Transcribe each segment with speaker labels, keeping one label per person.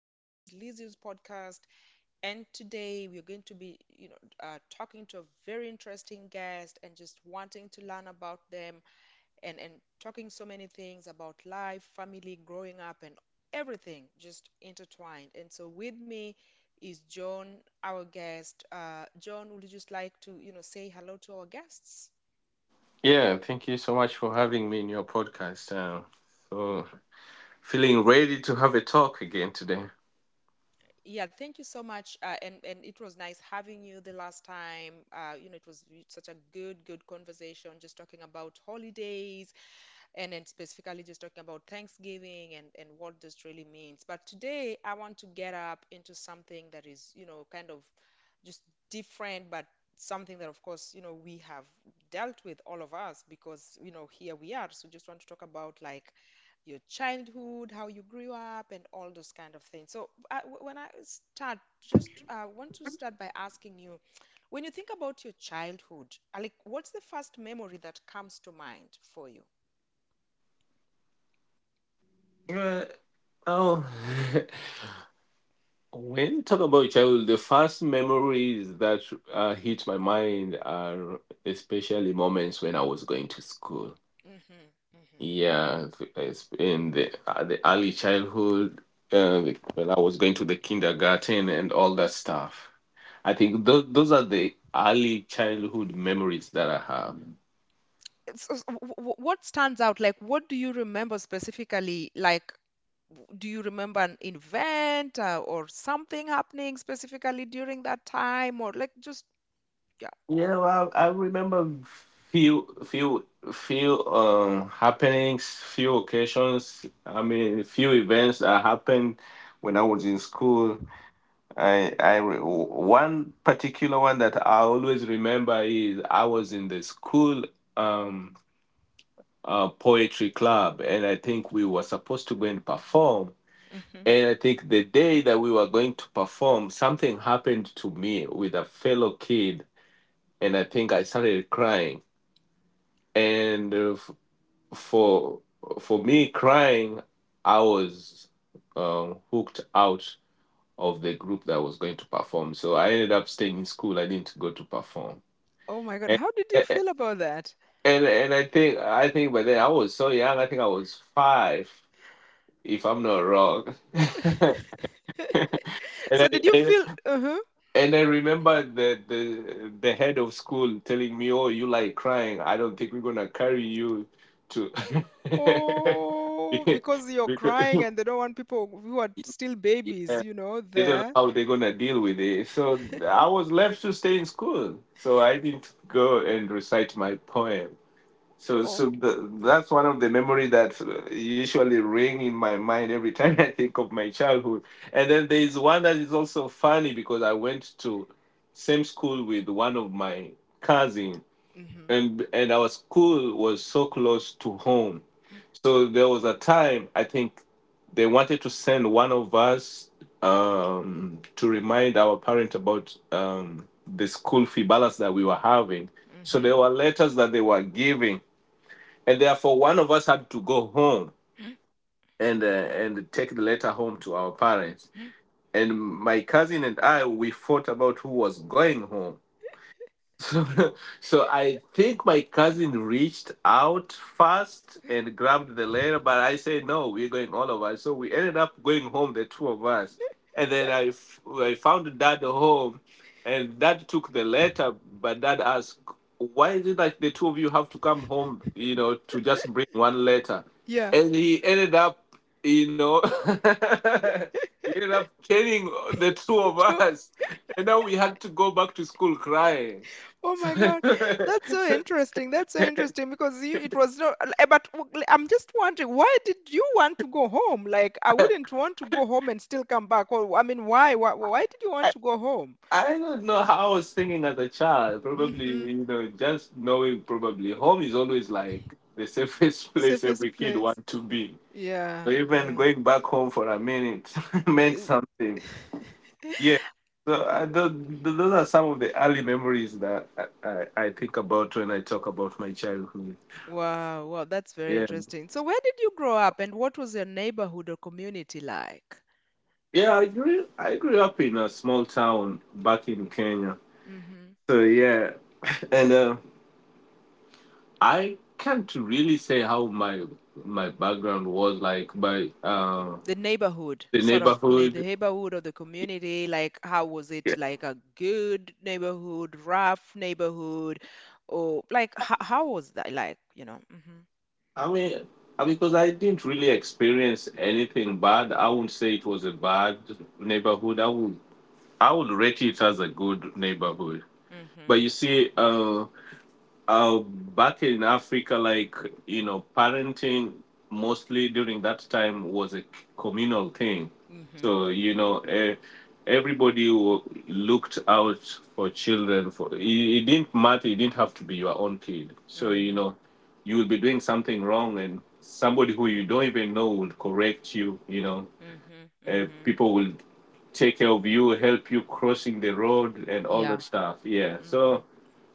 Speaker 1: us. This is Lizzie's podcast, and today we're going to be, talking to a very interesting guest and just wanting to learn about them and talking so many things about life, family, growing up, and everything just intertwined. And so with me is John, our guest. John, would you just like to, say hello to our guests?
Speaker 2: Yeah, thank you so much for having me in your podcast. So, Feeling ready to have a talk again today.
Speaker 1: Yeah, thank you so much. And it was nice having you the last time. It was such a good, good conversation, just talking about holidays, and then specifically just talking about Thanksgiving and what this really means. But today, I want to get up into something that is, you know, kind of just different, but something that, of course, you know, we have dealt with all of us because, you know, here we are. So just want to talk about like your childhood, how you grew up, and all those kind of things. So I, when I start, just want to start by asking you, when you think about your childhood, like what's the first memory that comes to mind for you?
Speaker 2: Uh, oh, when you talk about childhood, the first memories that hit my mind are especially moments when I was going to school.
Speaker 1: Mhm, mhm.
Speaker 2: Yeah, it's in the early childhood, when I was going to the kindergarten and all that stuff. I think those are the early childhood memories that I have.
Speaker 1: So, what stands out? Like, what do you remember specifically? Like, do you remember an event or something happening specifically during that time? Or like, just yeah.
Speaker 2: Yeah, well, I remember few few few happenings, few occasions. I mean, few events that happened when I was in school. One particular one that I always remember is I was in the school um poetry club, and I think we were supposed to go and perform.
Speaker 1: Hmm.
Speaker 2: And I think the day that we were going to perform, something happened to me with a fellow kid, and I think I started crying and for for me crying I was hooked out of the group that was going to perform, so I ended up staying in school. I didn't go to perform.
Speaker 1: Oh my God,
Speaker 2: And
Speaker 1: how did you
Speaker 2: and,
Speaker 1: feel about that?
Speaker 2: and I think, by then I was so young. I think I was five if I'm not wrong.
Speaker 1: So
Speaker 2: I,
Speaker 1: did you
Speaker 2: and
Speaker 1: feel? Uh-huh.
Speaker 2: And I remember the head of school telling me, "Oh, you like crying? I don't think we're gonna carry you to."
Speaker 1: Oh, because you're crying
Speaker 2: because
Speaker 1: and they don't want people who are still
Speaker 2: yeah,
Speaker 1: babies, you know,
Speaker 2: they don't know
Speaker 1: there.
Speaker 2: how they're gonna deal with it. So I was left to stay in school. So I didn't go and recite my poem. So,
Speaker 1: Oh.
Speaker 2: so the, that's one of the memory that usually ring in my mind every time I think of my childhood. And then there is one that is also funny because I went to same school with one of my cousin,
Speaker 1: Mm-hmm.
Speaker 2: and our school was so close to home. So there was a time, I think they wanted to send one of us to remind our parent about the school fee balance that we were having. So
Speaker 1: Mm-hmm.
Speaker 2: there were letters that they were giving, and therefore one of us had to go home and take the letter home to our parents. And my cousin and I, we fought about who was going home. So, so I think my cousin reached out first and grabbed the letter, but I said no, we're going all of us. So we ended up going home, the two of us, and then I found dad home, and dad took the letter, but dad asked, "Why is it like the two of you have to come home, you know, to just bring one letter?"
Speaker 1: Yeah.
Speaker 2: And he ended up, you know, he ended up killing the two of
Speaker 1: it.
Speaker 2: us, and now we had to go back to school crying.
Speaker 1: Oh my God, that's so interesting. That's so interesting because you, it was not. But I'm just wondering, why did you want to go home? Like, I wouldn't want to go home and still come back. Or, I mean, why? Why did you want
Speaker 2: I,
Speaker 1: to go home?
Speaker 2: I don't know how I was singing as a child. Probably,
Speaker 1: Mm-hmm.
Speaker 2: you know, just knowing probably home is always like the safest place
Speaker 1: Safest
Speaker 2: every kid
Speaker 1: place.
Speaker 2: want to be.
Speaker 1: Yeah,
Speaker 2: So even
Speaker 1: yeah.
Speaker 2: going back home for a minute meant something.
Speaker 1: Y-
Speaker 2: Yeah. So
Speaker 1: y-
Speaker 2: those are some of the early memories that I think about when I talk about my childhood.
Speaker 1: Wow, wow, that's very
Speaker 2: Yeah.
Speaker 1: interesting. So, where did you grow up, and what was your neighborhood or community like?
Speaker 2: Yeah, I grew up in a small town back in Kenya. So yeah, and I can't really say how my background was like by
Speaker 1: The neighborhood,
Speaker 2: the
Speaker 1: sort of, the
Speaker 2: neighborhood.
Speaker 1: neighborhood of the community. Like, how was it?
Speaker 2: Yeah.
Speaker 1: Like, a good neighborhood, rough neighborhood, or like, how was that, like, you know? Mhm.
Speaker 2: I mean, because I didn't really experience anything bad, I wouldn't say it was a bad neighborhood. I would rate it as a good neighborhood. But you see, back in Africa, like, you know, parenting mostly during that time was a communal thing.
Speaker 1: Mhm. Mhm.
Speaker 2: So you know, everybody looked out for children. For it, it didn't matter. It didn't have to be your own kid. So, you
Speaker 1: Mhm.
Speaker 2: know, you will be doing something wrong, and somebody who you don't even know will correct you. You know,
Speaker 1: Mhm. Mhm.
Speaker 2: people will take care of you, help you crossing the road, and all
Speaker 1: Yeah.
Speaker 2: that stuff. Yeah.
Speaker 1: Mhm.
Speaker 2: So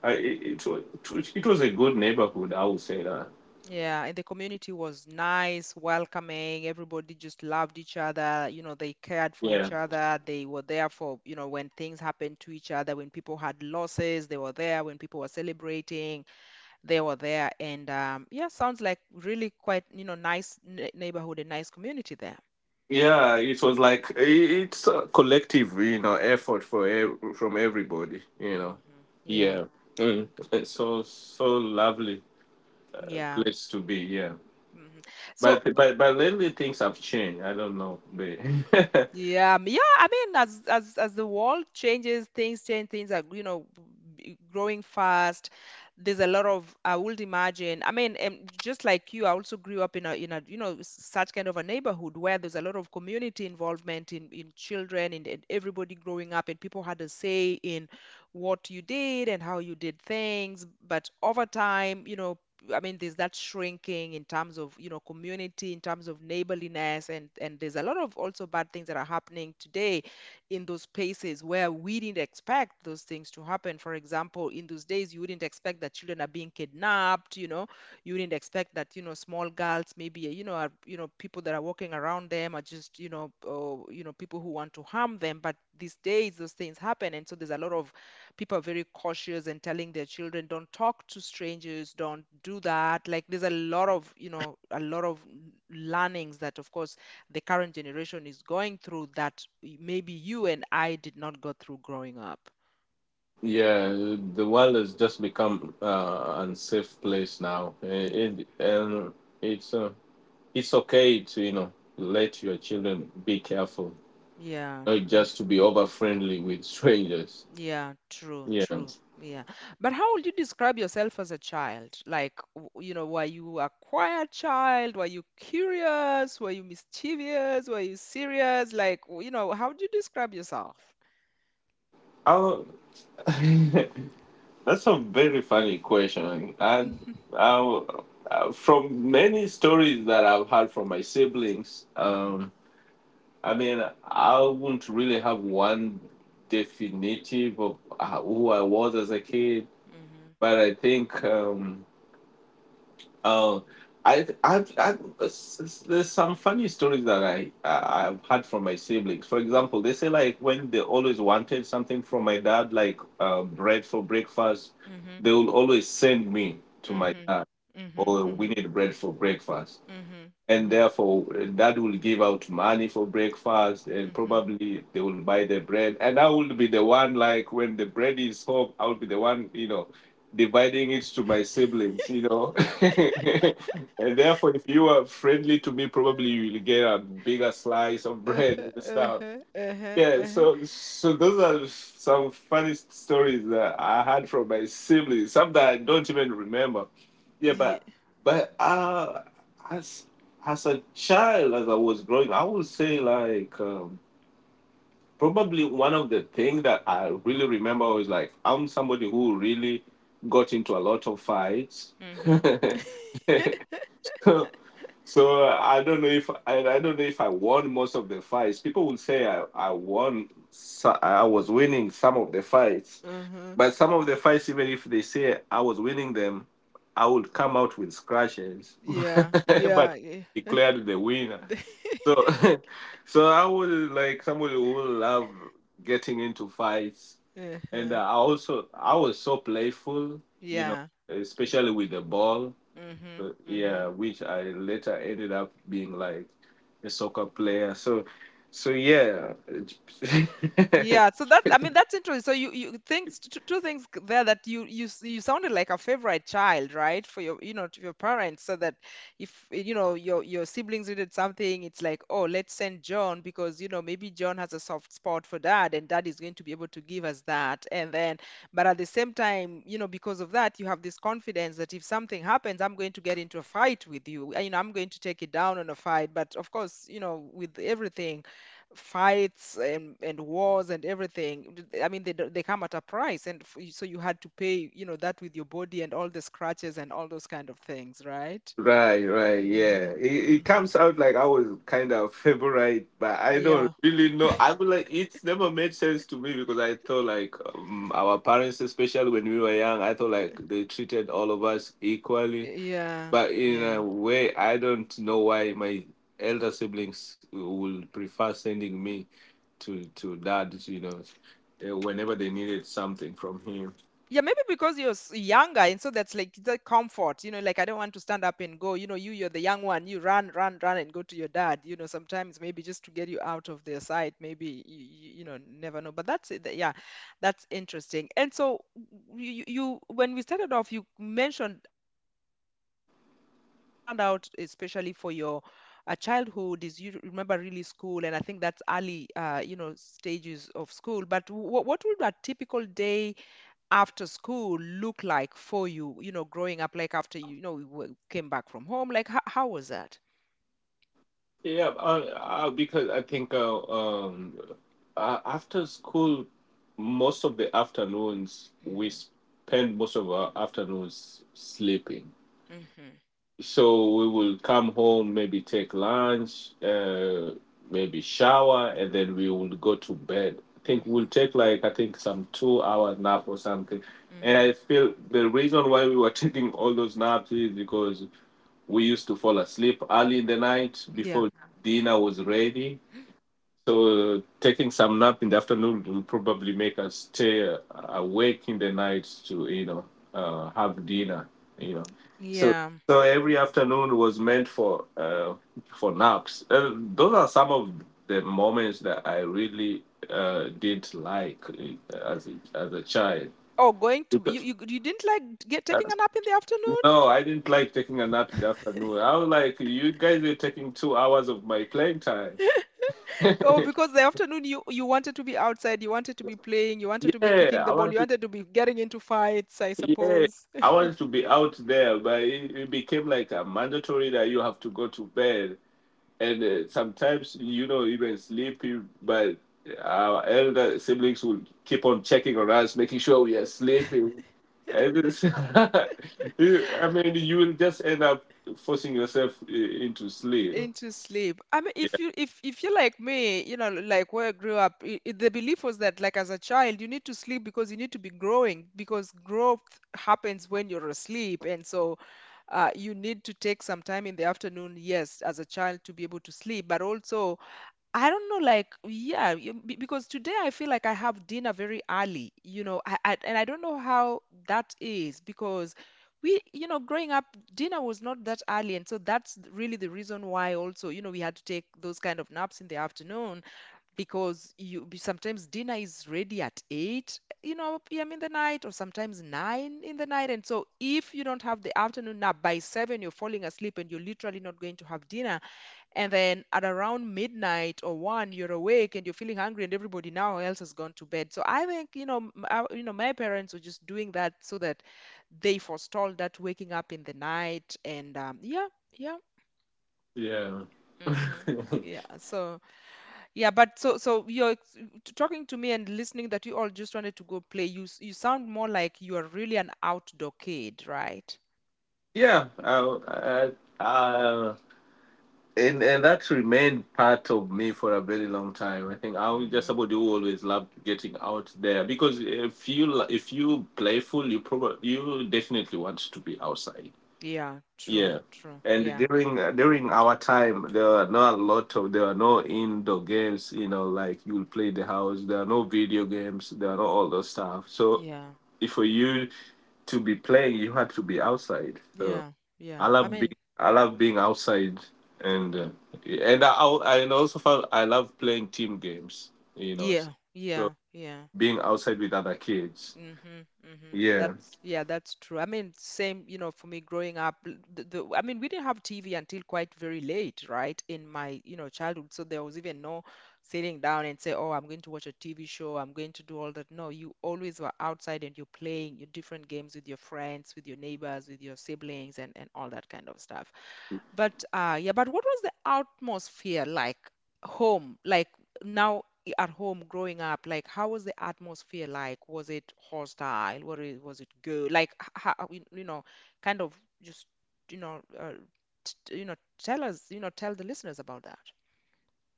Speaker 2: I, it wa- it was a good neighborhood, I would say that.
Speaker 1: Yeah, and the community was nice, welcoming, everybody just loved each other, you know, they cared for
Speaker 2: Yeah.
Speaker 1: each other, they were there for, you know, when things happened to each other, when people had losses, they were there, when people were celebrating, they were there. And yeah, sounds like really quite, you know, nice neighborhood and nice community there.
Speaker 2: Yeah, it was like it's a collective, you know, effort from everybody, you know.
Speaker 1: Hmm. Yeah.
Speaker 2: Yeah, Mm,
Speaker 1: Okay.
Speaker 2: it's so so lovely
Speaker 1: Yeah.
Speaker 2: place to be. Yeah,
Speaker 1: Hmm. So,
Speaker 2: but but lately things have changed. I don't know, but
Speaker 1: yeah, yeah. I mean, as the world changes, things change. Things are, you know, growing fast. There's a lot of, I would imagine. I mean, just like you, I also grew up in a, you know, such kind of a neighborhood where there's a lot of community involvement in children, and everybody growing up, and people had a say in what you did and how you did things. But over time, you know, I mean, there's that shrinking in terms of, you know, community, in terms of neighborliness, and there's a lot of also bad things that are happening today in those spaces where we didn't expect those things to happen. For example, in those days, you wouldn't expect that children are being kidnapped, you know, you wouldn't expect that, you know, small girls, maybe, you know, are, you know, people that are walking around them are just, you know, or, you know, people who want to harm them. But these days, those things happen, and so there's a lot of, people are very cautious and telling their children, don't talk to strangers, don't do that. Like, there's a lot of, you know, a lot of learnings that, of course, the current generation is going through that maybe you and I did not go through growing up.
Speaker 2: yeah, the world has just become unsafe place now.
Speaker 1: Mm.
Speaker 2: It's, it's okay to, you know, let your children be careful,
Speaker 1: Yeah.
Speaker 2: not
Speaker 1: Yeah.
Speaker 2: just to be over friendly with strangers.
Speaker 1: Yeah, true,
Speaker 2: Yeah,
Speaker 1: true. Yeah. But how would you describe yourself as a child? Like, you know, were you a quiet child, were you curious, were you mischievous, were you serious? Like, you know, how do you describe yourself?
Speaker 2: I that's a very funny question.
Speaker 1: Mhm,
Speaker 2: I, I, from many stories that I've heard from my siblings,
Speaker 1: mhm,
Speaker 2: I mean, I wouldn't really have one definitive of who I was as a kid.
Speaker 1: mhm,
Speaker 2: But I think oh, I there's some funny stories that I've had from my siblings. For example, they say like when they always wanted something from my dad, like bread for breakfast,
Speaker 1: mhm,
Speaker 2: they will always send me to my
Speaker 1: mhm,
Speaker 2: dad,
Speaker 1: mhm,
Speaker 2: or we
Speaker 1: mhm,
Speaker 2: need bread for breakfast,
Speaker 1: mhm, mhm,
Speaker 2: and
Speaker 1: mhm,
Speaker 2: therefore dad will give out money for breakfast, and
Speaker 1: mhm.
Speaker 2: probably they will buy the bread, and I will be the one. Like when the bread is home, I'll be the one, you know, dividing it to my siblings, you know. And therefore if you are friendly to me, probably you will get a bigger slice of bread
Speaker 1: Uh-huh,
Speaker 2: and stuff.
Speaker 1: uh-huh, uh-huh,
Speaker 2: Yeah,
Speaker 1: uh-huh.
Speaker 2: so so those are some funny stories that I had from my siblings. Some that I don't even remember. Yeah,
Speaker 1: Yeah.
Speaker 2: but but uh, as a child, as I was growing, I would say like, probably one of the things that I really remember was like I'm somebody who really got into a lot of fights.
Speaker 1: Mhm,
Speaker 2: So I don't know if I won most of the fights. People will say I won. I was winning some of the fights,
Speaker 1: mhm.
Speaker 2: but some of the fights, even if they say I was winning them, I would come out with scratches,
Speaker 1: Yeah, yeah,
Speaker 2: but
Speaker 1: yeah.
Speaker 2: declared the winner. So, so I was like somebody who love getting into fights. And I
Speaker 1: Uh-huh.
Speaker 2: also I was so playful, you know,
Speaker 1: Yeah.
Speaker 2: especially with the ball.
Speaker 1: Mhm,
Speaker 2: Yeah,
Speaker 1: mhm.
Speaker 2: which I later ended up being like a soccer player. So, so yeah,
Speaker 1: Yeah, so that, I mean, that's interesting. So you think, two things there, that you sounded like a favorite child, right? For your, you know, to your parents, so that if, you know, your siblings needed something, it's like, oh, let's send John, because, you know, maybe John has a soft spot for dad, and dad is going to be able to give us that. And then, but at the same time, you know, because of that, you have this confidence that if something happens, I'm going to get into a fight with you. You know, I'm going to take it down on a fight. But of course, you know, with everything, fights and wars and everything, I mean, they they come at a price, and so you had to pay, you know, that with your body and all the scratches and all those kind of things, right?
Speaker 2: right, right,
Speaker 1: Mm-hmm,
Speaker 2: yeah. It
Speaker 1: mm-hmm.
Speaker 2: comes out like I was kind of favorite, but I
Speaker 1: Yeah.
Speaker 2: don't really know. I would like It's never made sense to me, because I thought like, our parents, especially when we were young, I thought like they treated all of us equally.
Speaker 1: Yeah.
Speaker 2: But in a
Speaker 1: Yeah.
Speaker 2: way, I don't know why my elder siblings would prefer sending me to dad. You know, whenever they needed something from him.
Speaker 1: Yeah, maybe because you're younger, and so that's like the comfort, you know, like, I don't want to stand up and go, you know, you, you're the young one, you run, run, run and go to your dad, you know, sometimes maybe just to get you out of their sight, maybe, you, know, never know. But that's it, yeah, that's interesting. And so, when we started off, you mentioned, a few things like, you know, that stand out, especially for your childhood, is you remember really school, and I think that's early, you know, stages of school. But what would a typical day after school look like for you, you know, growing up, like after you, you know, came back from home? Like, how was that?
Speaker 2: Yeah, because I think after school, most of the afternoons, we
Speaker 1: Mm-hmm.
Speaker 2: spend most of our afternoons sleeping.
Speaker 1: Mm-hmm.
Speaker 2: So we will come home, maybe take lunch, maybe shower, and then we will go to bed. I think
Speaker 1: Mm-hmm.
Speaker 2: we'll take like, I think, some 2-hour nap or something. And
Speaker 1: Mm-hmm.
Speaker 2: I feel the reason why we were taking all those naps is because we used to fall asleep early in the night
Speaker 1: Yeah.
Speaker 2: before dinner was ready. So taking some nap in the afternoon will probably make us stay awake in the night to, you know, have dinner. You know, so
Speaker 1: Yeah.
Speaker 2: so every afternoon was meant for naps. Those are some of the moments that I really did like as a child.
Speaker 1: Oh, going to, you,
Speaker 2: Because,
Speaker 1: you you didn't like, get
Speaker 2: uh,
Speaker 1: taking a nap in the afternoon?
Speaker 2: no, I didn't like taking a nap in the afternoon. I was like, you guys are taking 2 hours of my playing time.
Speaker 1: Oh, because the afternoon you wanted to be outside, you wanted to be playing, you wanted to be
Speaker 2: Yeah,
Speaker 1: kicking the
Speaker 2: I
Speaker 1: ball, you
Speaker 2: want
Speaker 1: wanted to be getting into fights, I
Speaker 2: Yeah,
Speaker 1: suppose.
Speaker 2: I wanted to be out there, but it became like a mandatory that you have to go to bed. And sometimes, you know, even sleepy, but our elder siblings would keep on checking on us, making sure we are sleeping. And it's I mean, you will just end up forcing yourself into sleep.
Speaker 1: Into sleep. I mean,
Speaker 2: Yeah.
Speaker 1: if you're like me, you know, like where I grew up, the belief was that, like, as a child, you need to sleep because you need to be growing, because growth happens when you're asleep, and so, you need to take some time in the afternoon, yes, as a child, to be able to sleep, but also, I don't know, like, yeah, because today I feel like I have dinner very early, you know, and I don't know how that is, because we, you know, growing up, dinner was not that early, and so that's really the reason why also, you know, we had to take those kind of naps in the afternoon, because you, sometimes dinner is ready at 8, you know, p.m. in the night, or sometimes 9 in the night, and so if you don't have the afternoon nap by 7, you're falling asleep and you're literally not going to have dinner, and then at around midnight or one, you're awake and you're feeling hungry, and everybody now else has gone to bed. So I think, you know, you know, my parents were just doing that so that they forestalled that waking up in the night. And yeah, yeah.
Speaker 2: Yeah.
Speaker 1: Hmm. Yeah, so yeah, but you're, talking to me and listening that you all just wanted to go play. You you sound more like you are really an outdoor kid, right?
Speaker 2: Yeah. Uh, and that's remained part of me for a very long time. I think I was
Speaker 1: Mm-hmm.
Speaker 2: just somebody who always loved getting out there, because if you playful, you probably you definitely want to be outside.
Speaker 1: Yeah, true,
Speaker 2: Yeah,
Speaker 1: true.
Speaker 2: and
Speaker 1: Yeah,
Speaker 2: during our time, there were not a lot of, there were no indoor games. You know, like you'll play the house. There are no video games. There are not all those stuff. So
Speaker 1: yeah,
Speaker 2: if for you to be playing, you had to be outside. So.
Speaker 1: yeah, yeah.
Speaker 2: I
Speaker 1: I
Speaker 2: love being
Speaker 1: mean,
Speaker 2: I love being outside, and I also found I love playing team games. You know, so,
Speaker 1: yeah,
Speaker 2: so
Speaker 1: yeah, yeah.
Speaker 2: being outside with other kids.
Speaker 1: Mm-hmm, mm-hmm.
Speaker 2: Yeah,
Speaker 1: That's, yeah, that's true. I mean, same, you know, for me growing up, the, I mean, we didn't have TV until quite very late, right? In my, you know, childhood, so there was even no sitting down and say, "Oh, I'm going to watch a TV show. I'm going to do all that." No, you always were outside and you're playing your different games with your friends, with your neighbors, with your siblings, and all that kind of stuff. But yeah, but what was the atmosphere like home? Like, now at home growing up, like, how was the atmosphere like? Was it hostile? What it, was it good? Like h- how you you know, kind of just you know, uh, tell us, tell the listeners about that.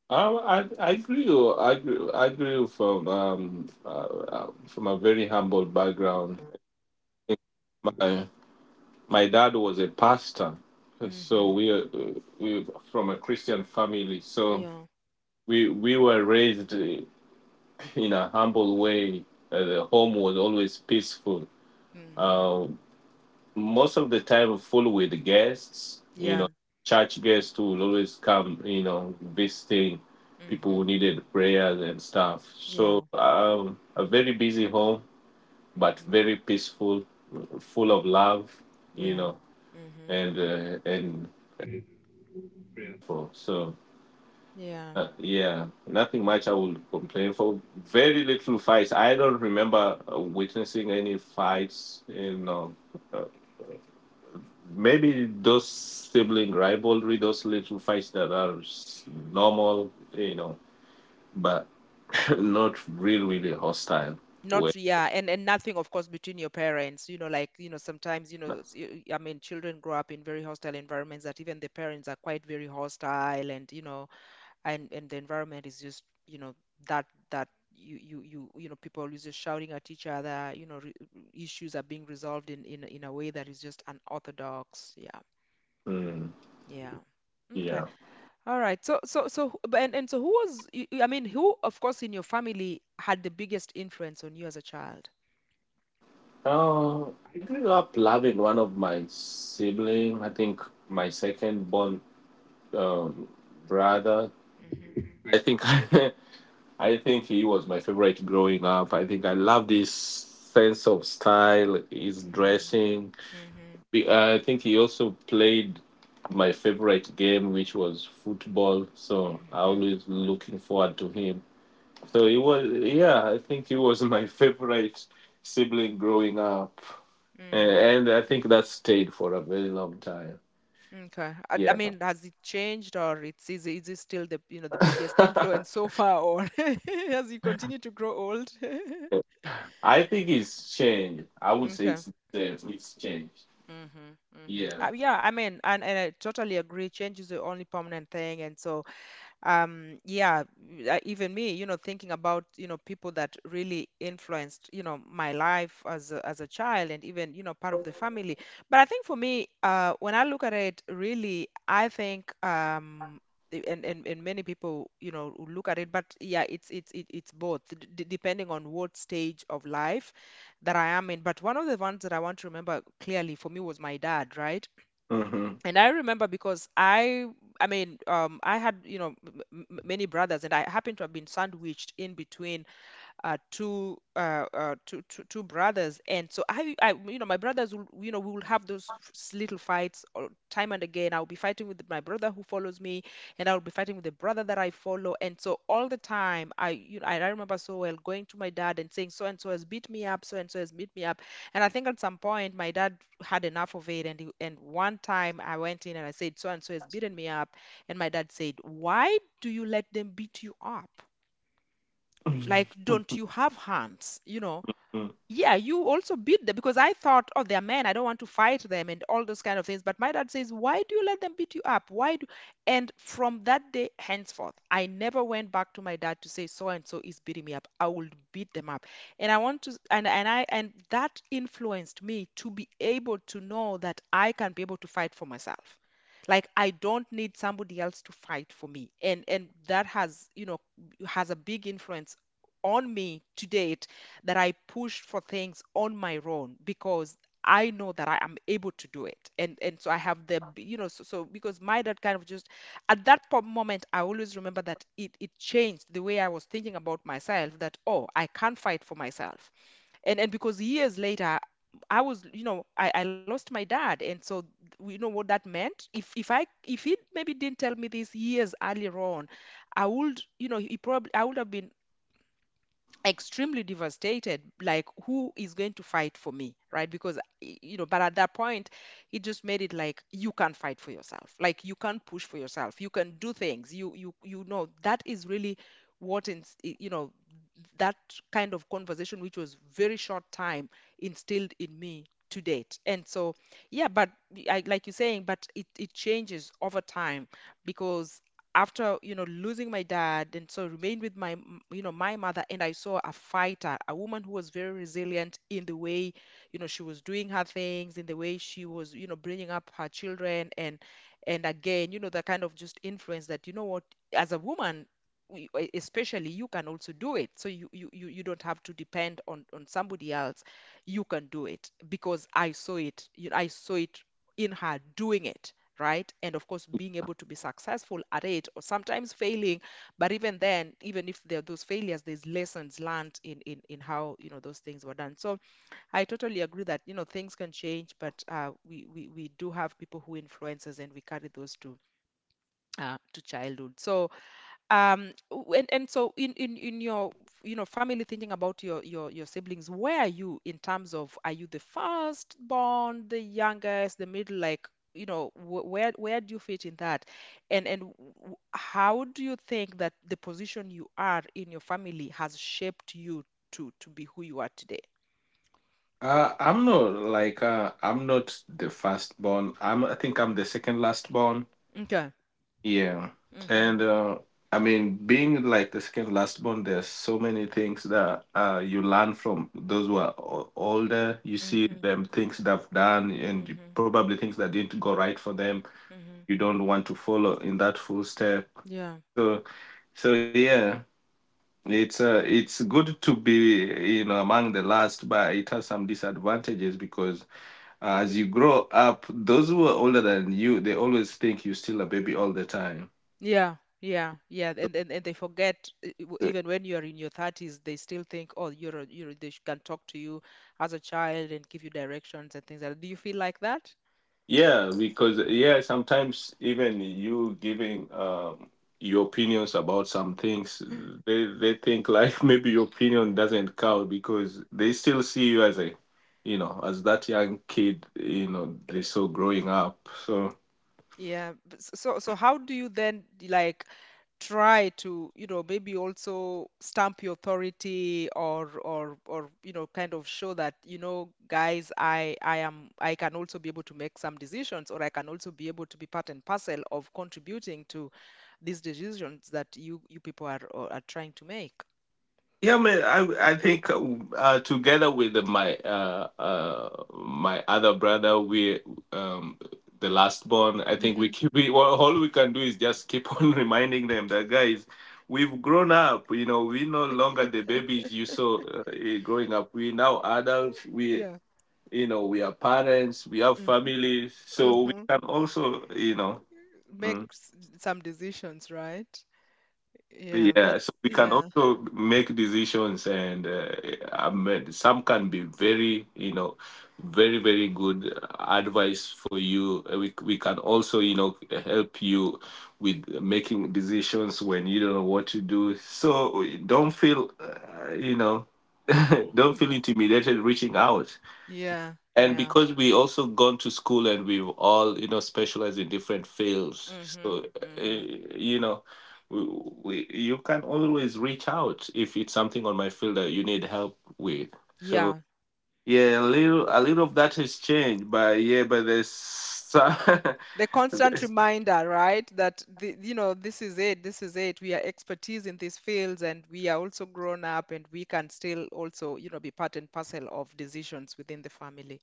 Speaker 2: I agree. With- I agree. I agree from a very humble background. My my dad was a pastor, so
Speaker 1: Mm-hmm.
Speaker 2: we from a Christian family. So
Speaker 1: Yeah.
Speaker 2: we were raised in a humble way. The home was always peaceful.
Speaker 1: Mm-hmm.
Speaker 2: Uh, Most of the time, full with guests.
Speaker 1: Yeah.
Speaker 2: Church guests too will always come. Visiting people who
Speaker 1: Mm-hmm.
Speaker 2: needed prayers and stuff.
Speaker 1: Yeah.
Speaker 2: So a very busy home, but
Speaker 1: Mm-hmm.
Speaker 2: very peaceful, full of love. You
Speaker 1: Yeah.
Speaker 2: know,
Speaker 1: Mm-hmm. Mm-hmm.
Speaker 2: and for so.
Speaker 1: Yeah.
Speaker 2: Yeah, nothing much I will complain for. Very little fights. I don't remember witnessing any fights, uh, maybe those sibling rivalry, those little fights that are normal, but not really, really hostile. Way.
Speaker 1: Not, yeah, and nothing, of course, between your parents. Like, sometimes, I mean, children grow up in very hostile environments that even the parents are quite very hostile, and, and the environment is just, that that you you know, people is just shouting at each other, issues are being resolved in a way that is just unorthodox. Yeah,
Speaker 2: Mm,
Speaker 1: yeah. Okay,
Speaker 2: yeah.
Speaker 1: all right. So, and so, who was, I mean, who of course in your family had the biggest influence on you as a child?
Speaker 2: Oh, I grew up loving one of my sibling. I think my second born um, brother.
Speaker 1: Mm-hmm.
Speaker 2: I think I think he was my favorite growing up. I think I love this sense of style, his
Speaker 1: Mm-hmm.
Speaker 2: dressing.
Speaker 1: Mm-hmm.
Speaker 2: I think he also played my favorite game, which was football. So I always looking forward to him. So he was, yeah, I think he was my favorite sibling growing up, and,
Speaker 1: Mm-hmm.
Speaker 2: and I think that stayed for a very long time.
Speaker 1: Okay. I
Speaker 2: Yeah,
Speaker 1: mean, has it changed, or is it still the you know the biggest influence so far, or as you continue to grow old?
Speaker 2: I think it's changed. I would say
Speaker 1: Okay.
Speaker 2: it's the same. It's changed.
Speaker 1: Mm-hmm. Mm-hmm.
Speaker 2: Yeah.
Speaker 1: Yeah, I mean, and I totally agree. Change is the only permanent thing, and so, um yeah even me, thinking about, people that really influenced, my life as a, child, and even, part of the family. But I think for me, when I look at it, really, I think, and many people, who look at it, but yeah, it's both, depending on what stage of life that I am in. But one of the ones that I want to remember clearly for me was my dad, right?
Speaker 2: Hmm.
Speaker 1: And I remember because I mean, I had, many brothers, and I happened to have been sandwiched in between two brothers. And so my brothers will, we will have those little fights or time and again. I'll be fighting with my brother who follows me, and I'll be fighting with the brother that I follow. And so all the time, and I remember so well going to my dad and saying, "So and so has beat me up, so and so has beat me up." And I think at some point my dad had enough of it, and one time I went in and I said, "So and so has beaten me up," and my dad said, "Why do you let them beat you up? Like, don't you have hands? You know?" Yeah, you also beat them, because I thought, oh, they're men, I don't want to fight them, and all those kind of things. But my dad says, "Why do you let them beat you up? Why do And from that day henceforth, I never went back to my dad to say, "So and so is beating me up." I will beat them up. And i want to and and i and that influenced me to be able to know that I can be able to fight for myself. Like, I don't need somebody else to fight for me. And that has you know has a big influence on me today, that I pushed for things on my own, because I know that I am able to do it. And so, I have the you know so, because my dad kind of just, at that moment, I always remember that, it changed the way I was thinking about myself, that, oh, I can fight for myself. And because years later, I was, you know, I lost my dad, and so, you know what that meant. If he maybe didn't tell me this years earlier on, I would, you know, he probably I would have been extremely devastated. Like, who is going to fight for me, right? Because but at that point, it just made it like, you can't fight for yourself, like, you can't push for yourself, you can do things, you you know, that is really what, in that kind of conversation, which was very short time, instilled in me to date. And so, yeah, but, like you're saying, but it changes over time, because after, losing my dad, and so remained with my m- you know my mother, and I saw a fighter, a woman who was very resilient in the way, she was doing her things, in the way she was, bringing up her children. And again, the kind of just influence that, what, as a woman, especially, you can also do it. So you don't have to depend on somebody else. You can do it, because I saw it, I saw it in her doing it, right? And of course, being able to be successful at it or sometimes failing, but even then, even if there are those failures, there's lessons learned in how, those things were done. So I totally agree that, things can change, but, we do have people who influence us, and we carry those to childhood. So, and so, in your, family, thinking about your, your siblings, where are you in terms of, are you the first born, the youngest, the middle, like, where do you fit in that? And how do you think that the position you are in your family has shaped you to be who you are today?
Speaker 2: I'm not the first born. I think I'm the second last born.
Speaker 1: Okay.
Speaker 2: Yeah,
Speaker 1: Mm-hmm.
Speaker 2: and I mean, being like the second last born, there's so many things that you learn from those who are older. You see
Speaker 1: Mm-hmm.
Speaker 2: them things they've done, and
Speaker 1: Mm-hmm.
Speaker 2: probably things that didn't go right for them.
Speaker 1: Mm-hmm.
Speaker 2: You don't want to follow in that full step.
Speaker 1: Yeah.
Speaker 2: So so yeah. It's good to be among the last, but it has some disadvantages because as you grow up, those who are older than you, they always think you're still a baby all the time.
Speaker 1: Yeah, yeah, yeah. And they forget,
Speaker 2: So,
Speaker 1: even when you are in your thirties, they still think, oh, can talk to you as a child and give you directions and things like that. Do you feel like that?
Speaker 2: yeah, because yeah, sometimes even you giving your opinions about some things, they think like maybe your opinion doesn't count because they still see you as that young kid they saw growing up. So.
Speaker 1: Yeah. But so, how do you then, like, try to, maybe also stamp your authority, or kind of show that, guys, I can also be able to make some decisions, or I can also be able to be part and parcel of contributing to these decisions that you people are trying to make.
Speaker 2: Yeah, man, I think together with my my other brother, we um, the last born. I think
Speaker 1: Mm-hmm.
Speaker 2: well, all we can do is just keep on reminding them that guys, we've grown up. We no longer the babies you saw growing up. We now adults. We
Speaker 1: Yeah.
Speaker 2: you know we are parents. We have
Speaker 1: Mm-hmm.
Speaker 2: families, so we
Speaker 1: Mm-hmm.
Speaker 2: can also.
Speaker 1: Make
Speaker 2: Mm.
Speaker 1: s- some decisions, right? Yeah,
Speaker 2: Yeah,
Speaker 1: that's,
Speaker 2: so we can
Speaker 1: yeah.
Speaker 2: also make decisions, and I mean, some can be very, very, very good advice for you. We can also, help you with making decisions when you don't know what to do. So don't feel, don't feel
Speaker 1: Yeah,
Speaker 2: intimidated reaching out,
Speaker 1: yeah,
Speaker 2: and
Speaker 1: yeah.
Speaker 2: because we also gone to school and we've all specialized in different fields,
Speaker 1: Mhm.
Speaker 2: so uh,
Speaker 1: Mhm.
Speaker 2: you know we, we you can always reach out if it's something on my field that you need help with. So
Speaker 1: Yeah.
Speaker 2: yeah, a little of that has changed, but yeah, but there's some.
Speaker 1: The constant reminder, right? That this is it, this is it. We are expertise in these fields, and we are also grown up, and we can still also, be part and parcel of decisions within the family.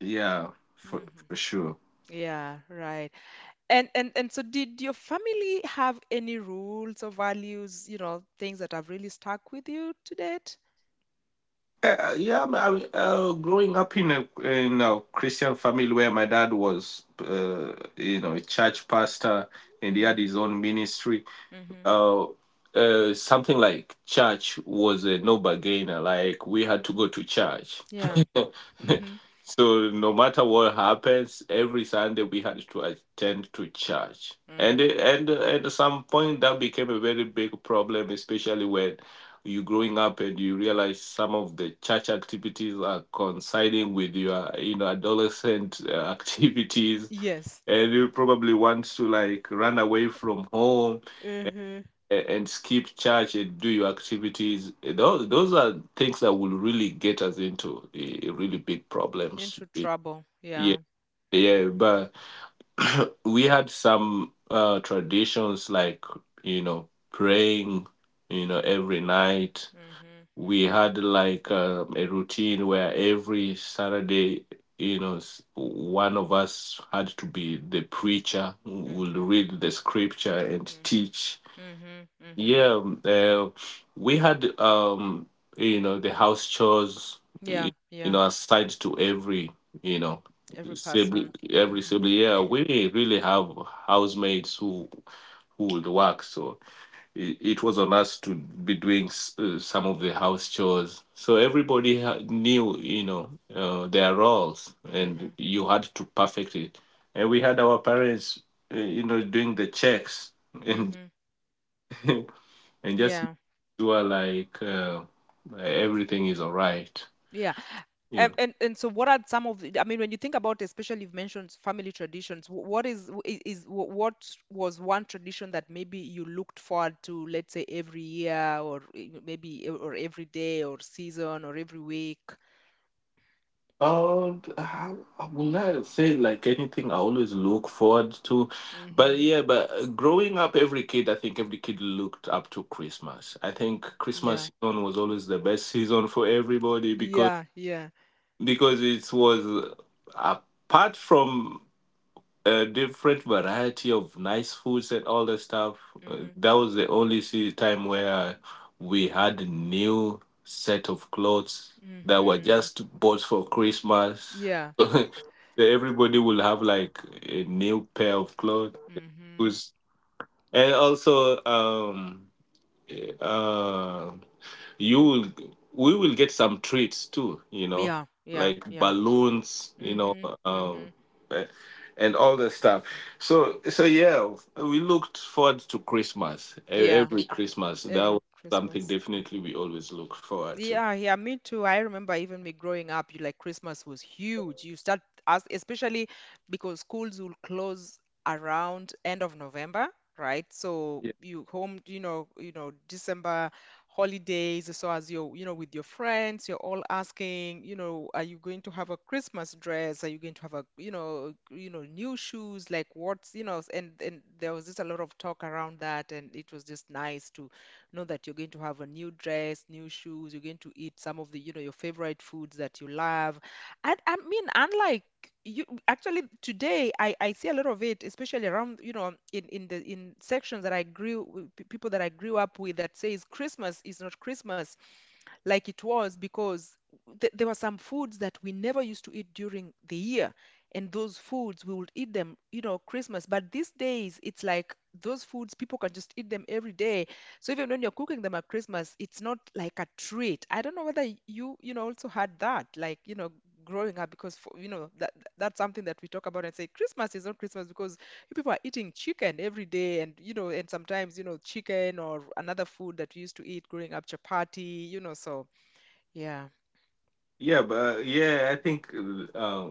Speaker 2: Yeah, for,
Speaker 1: Mhm.
Speaker 2: for sure.
Speaker 1: Yeah, right. And so, did your family have any rules or values, things that have really stuck with you to date?
Speaker 2: Yeah, I mean, growing up in a Christian family where my dad was, a church pastor, and he had
Speaker 1: Mhm.
Speaker 2: his own ministry.
Speaker 1: Mhm.
Speaker 2: uh, Something like church was a no bargainer. Like we had to go to church.
Speaker 1: Yeah. Mhm.
Speaker 2: So no matter what happens, every Sunday we had to attend to church. And
Speaker 1: Mhm.
Speaker 2: and at some point that became a very big problem, especially when you are growing up and you realize some of the church activities are coinciding with your adolescent activities,
Speaker 1: Yes.
Speaker 2: and you probably want to like run away from home
Speaker 1: Mhm.
Speaker 2: and skip church and do your activities. Those are things that will really get us into really big problems
Speaker 1: Into
Speaker 2: with.
Speaker 1: trouble.
Speaker 2: Yeah,
Speaker 1: Yeah.
Speaker 2: yeah,
Speaker 1: Mhm.
Speaker 2: but we had some traditions like praying every night.
Speaker 1: Mhm.
Speaker 2: We
Speaker 1: Mhm.
Speaker 2: had like a routine where every Saturday, one of us had to be the preacher, would
Speaker 1: Mhm.
Speaker 2: read the scripture and
Speaker 1: Mhm.
Speaker 2: teach.
Speaker 1: Mhm. Mhm.
Speaker 2: Yeah, we had the house chores,
Speaker 1: Yeah. Yeah.
Speaker 2: aside to you know,
Speaker 1: Every
Speaker 2: sibling,
Speaker 1: person.
Speaker 2: every
Speaker 1: Mhm.
Speaker 2: sibling. Yeah, we really have housemates who would work, so it was on us to be doing some of the house chores. So everybody ha knew, their roles, and
Speaker 1: Mhm.
Speaker 2: you had to perfect it. And we had our parents, doing the checks and.
Speaker 1: Mhm.
Speaker 2: And just
Speaker 1: Yeah.
Speaker 2: you are like everything is all right.
Speaker 1: Yeah.
Speaker 2: You know.
Speaker 1: And so, what are some of the, I mean, when you think about, especially, you've mentioned family traditions, wh- what is wh- I- is wh- what was one tradition that maybe you looked forward to, let's say, every year, or maybe or every day or season or every week?
Speaker 2: Oh, I will not say like anything I always look forward to, but
Speaker 1: Hmm.
Speaker 2: yeah, but growing up, every kid, I think every kid looked up to Christmas. I think
Speaker 1: Yeah,
Speaker 2: Christmas season was always the best season for everybody because
Speaker 1: yeah, yeah.
Speaker 2: it was apart from a different variety of nice foods and all the stuff.
Speaker 1: Hmm.
Speaker 2: That was the only time where we had a new set of clothes that were
Speaker 1: Hmm.
Speaker 2: just bought for Christmas.
Speaker 1: Yeah.
Speaker 2: So everybody will have like a new pair of clothes.
Speaker 1: Hmm.
Speaker 2: And also, eh, uh, you will we will get some treats too,
Speaker 1: Yeah, yeah,
Speaker 2: like
Speaker 1: yeah.
Speaker 2: balloons,
Speaker 1: Hmm.
Speaker 2: um
Speaker 1: Hmm.
Speaker 2: eh, and all the stuff. So yeah, we looked forward to Christmas,
Speaker 1: Yeah,
Speaker 2: every Christmas. That
Speaker 1: every
Speaker 2: was something
Speaker 1: Christmas.
Speaker 2: definitely we always look forward to.
Speaker 1: Yeah, yeah, me too. I remember, even me growing up, you, like, Christmas was huge. You start, as especially because schools will close around end of November, right? So,
Speaker 2: Yeah,
Speaker 1: you home, December holidays. So as you're, with your friends, you're all asking, are you going to have a Christmas dress? Are you going to have a, new shoes? Like, what's, and there was just a lot of talk around that, and it was just nice to know that you're going to have a new dress, new shoes, you're going to eat some of the, your favorite foods that you love. And I mean, unlike you actually today I see a lot of it, especially around, in the in sections that I grew people that I grew up with that says Christmas is not Christmas like it was because there were some foods that we never used to eat during the year, and those foods we would eat them, you know, Christmas. But these days it's like those foods people can just eat them every day. So even when you're cooking them at Christmas, it's not like a treat. I don't know whether you, you know also had that, like, growing up, because that that's something that we talk about and say Christmas is not Christmas because people are eating chicken every day. And, and sometimes, chicken or another food that we used to eat growing up, chapati, so yeah.
Speaker 2: yeah, but yeah, I think uh,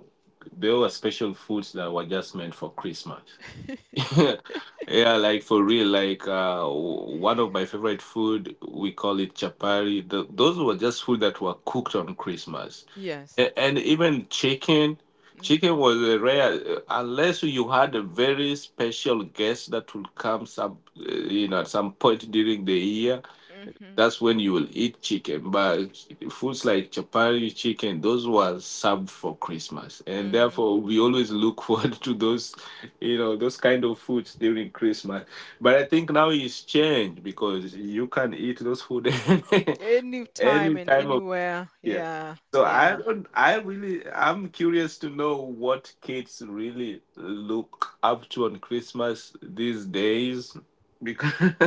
Speaker 2: there were special foods that were just meant for Christmas. Yeah, like for real, like one of my favorite food, we call it chapari. Th those
Speaker 1: hmm
Speaker 2: were just food that were cooked on Christmas.
Speaker 1: yes
Speaker 2: And even chicken,
Speaker 1: hmm
Speaker 2: was a rare, unless you had a very special guest that would come some, uh, at some point during the year.
Speaker 1: hmm
Speaker 2: That's when you will eat chicken. But foods like chapati, chicken, those were served for Christmas, and
Speaker 1: hmm
Speaker 2: therefore we always look forward to those, those kind of foods during Christmas. But I think now it's changed because you can eat those food.
Speaker 1: Any time
Speaker 2: Any
Speaker 1: and
Speaker 2: time of
Speaker 1: anywhere,
Speaker 2: year.
Speaker 1: yeah,
Speaker 2: So I
Speaker 1: yeah.
Speaker 2: don't. I really. I'm curious to know what kids really look up to on Christmas these days, because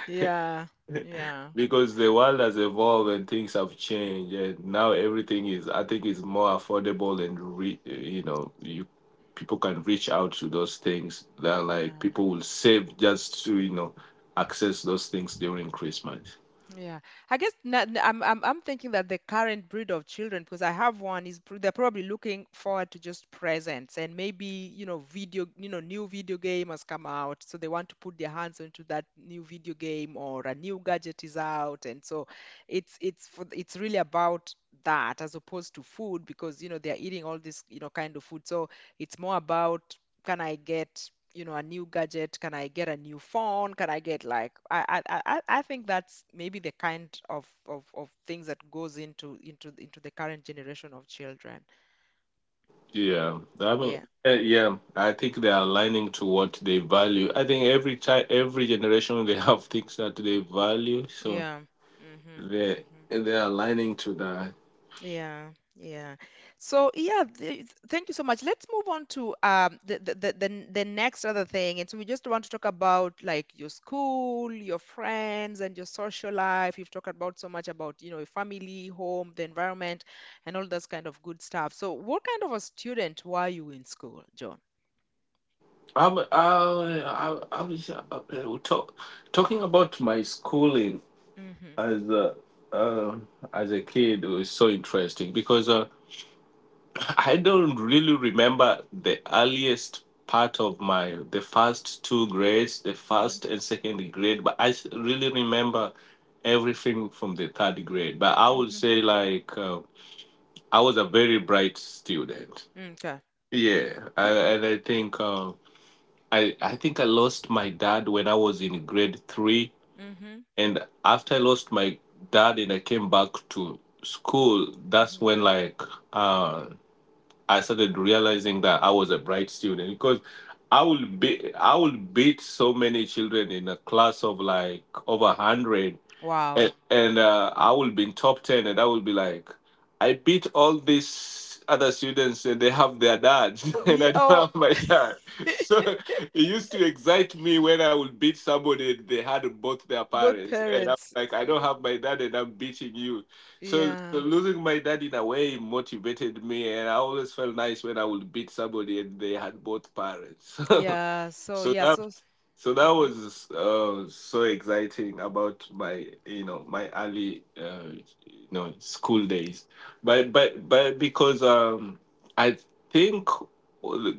Speaker 1: Yeah, yeah.
Speaker 2: because the world has evolved and things have changed, and now everything is, I think, is more affordable, and re, you know you people can reach out to those things that, like,
Speaker 1: Yeah,
Speaker 2: people will save just to access those things during Christmas.
Speaker 1: Yeah, I guess not. I'm thinking that the current breed of children, because I have one, is they're probably looking forward to just presents, and maybe, you know, video, you know, new video game has come out, so they want to put their hands into that new video game or a new gadget is out, and so it's really about that as opposed to food, because, you know, they're eating all this, you know, kind of food. So it's more about can I get, you know, a new gadget, can I get a new phone, can I get, like, I think that's maybe the kind of, of things that goes into into the current generation of children.
Speaker 2: Yeah, I mean.
Speaker 1: Yeah
Speaker 2: Yeah, yeah, I think they are aligning to what they value. I think every time every generation, they have things that they value, so
Speaker 1: yeah hmm
Speaker 2: they
Speaker 1: hmm
Speaker 2: they are aligning to that.
Speaker 1: Yeah, yeah. So yeah, th thank you so much. Let's move on to the the the next other thing. And so we just want to talk about, like, your school, your friends, and your social life. You've talked about so much about, you know, your family, home, the environment, and all those kind of good stuff. So what kind of a student were you in school, John?
Speaker 2: I was talking about my schooling
Speaker 1: Mm-hmm.
Speaker 2: as a, uh, as a kid. It was so interesting because I don't really remember the earliest part of my the first two grades, the
Speaker 1: Mm-hmm.
Speaker 2: first and second grade, but I really remember everything from the third grade. But I would
Speaker 1: Mm-hmm.
Speaker 2: say like I was a very bright student.
Speaker 1: Okay.
Speaker 2: Yeah, and I think. I think I lost my dad when I was in grade three.
Speaker 1: Mm-hmm.
Speaker 2: And after I lost my dad and I came back to school, that's
Speaker 1: Mm-hmm.
Speaker 2: when like uh, I started realizing that I was a bright student because I will beat so many children in a class of like over 100,
Speaker 1: Wow.
Speaker 2: and I will be in top 10, and I will be like, I beat all these other students, and they have their dads, and
Speaker 1: Yeah.
Speaker 2: I don't
Speaker 1: Oh.
Speaker 2: have my dad. So it used to excite me when I would beat somebody, and they had both their
Speaker 1: Both
Speaker 2: parents, and I'm
Speaker 1: parents.
Speaker 2: like, I
Speaker 1: Y-
Speaker 2: don't have my dad, and I'm beating you. So,
Speaker 1: Yeah.
Speaker 2: losing my dad in a way motivated me, and I always felt nice when I would beat somebody and they had both parents.
Speaker 1: Yeah, so
Speaker 2: so
Speaker 1: yeah,
Speaker 2: that
Speaker 1: so
Speaker 2: so that
Speaker 1: hmm
Speaker 2: was so exciting about my early school days, but because I think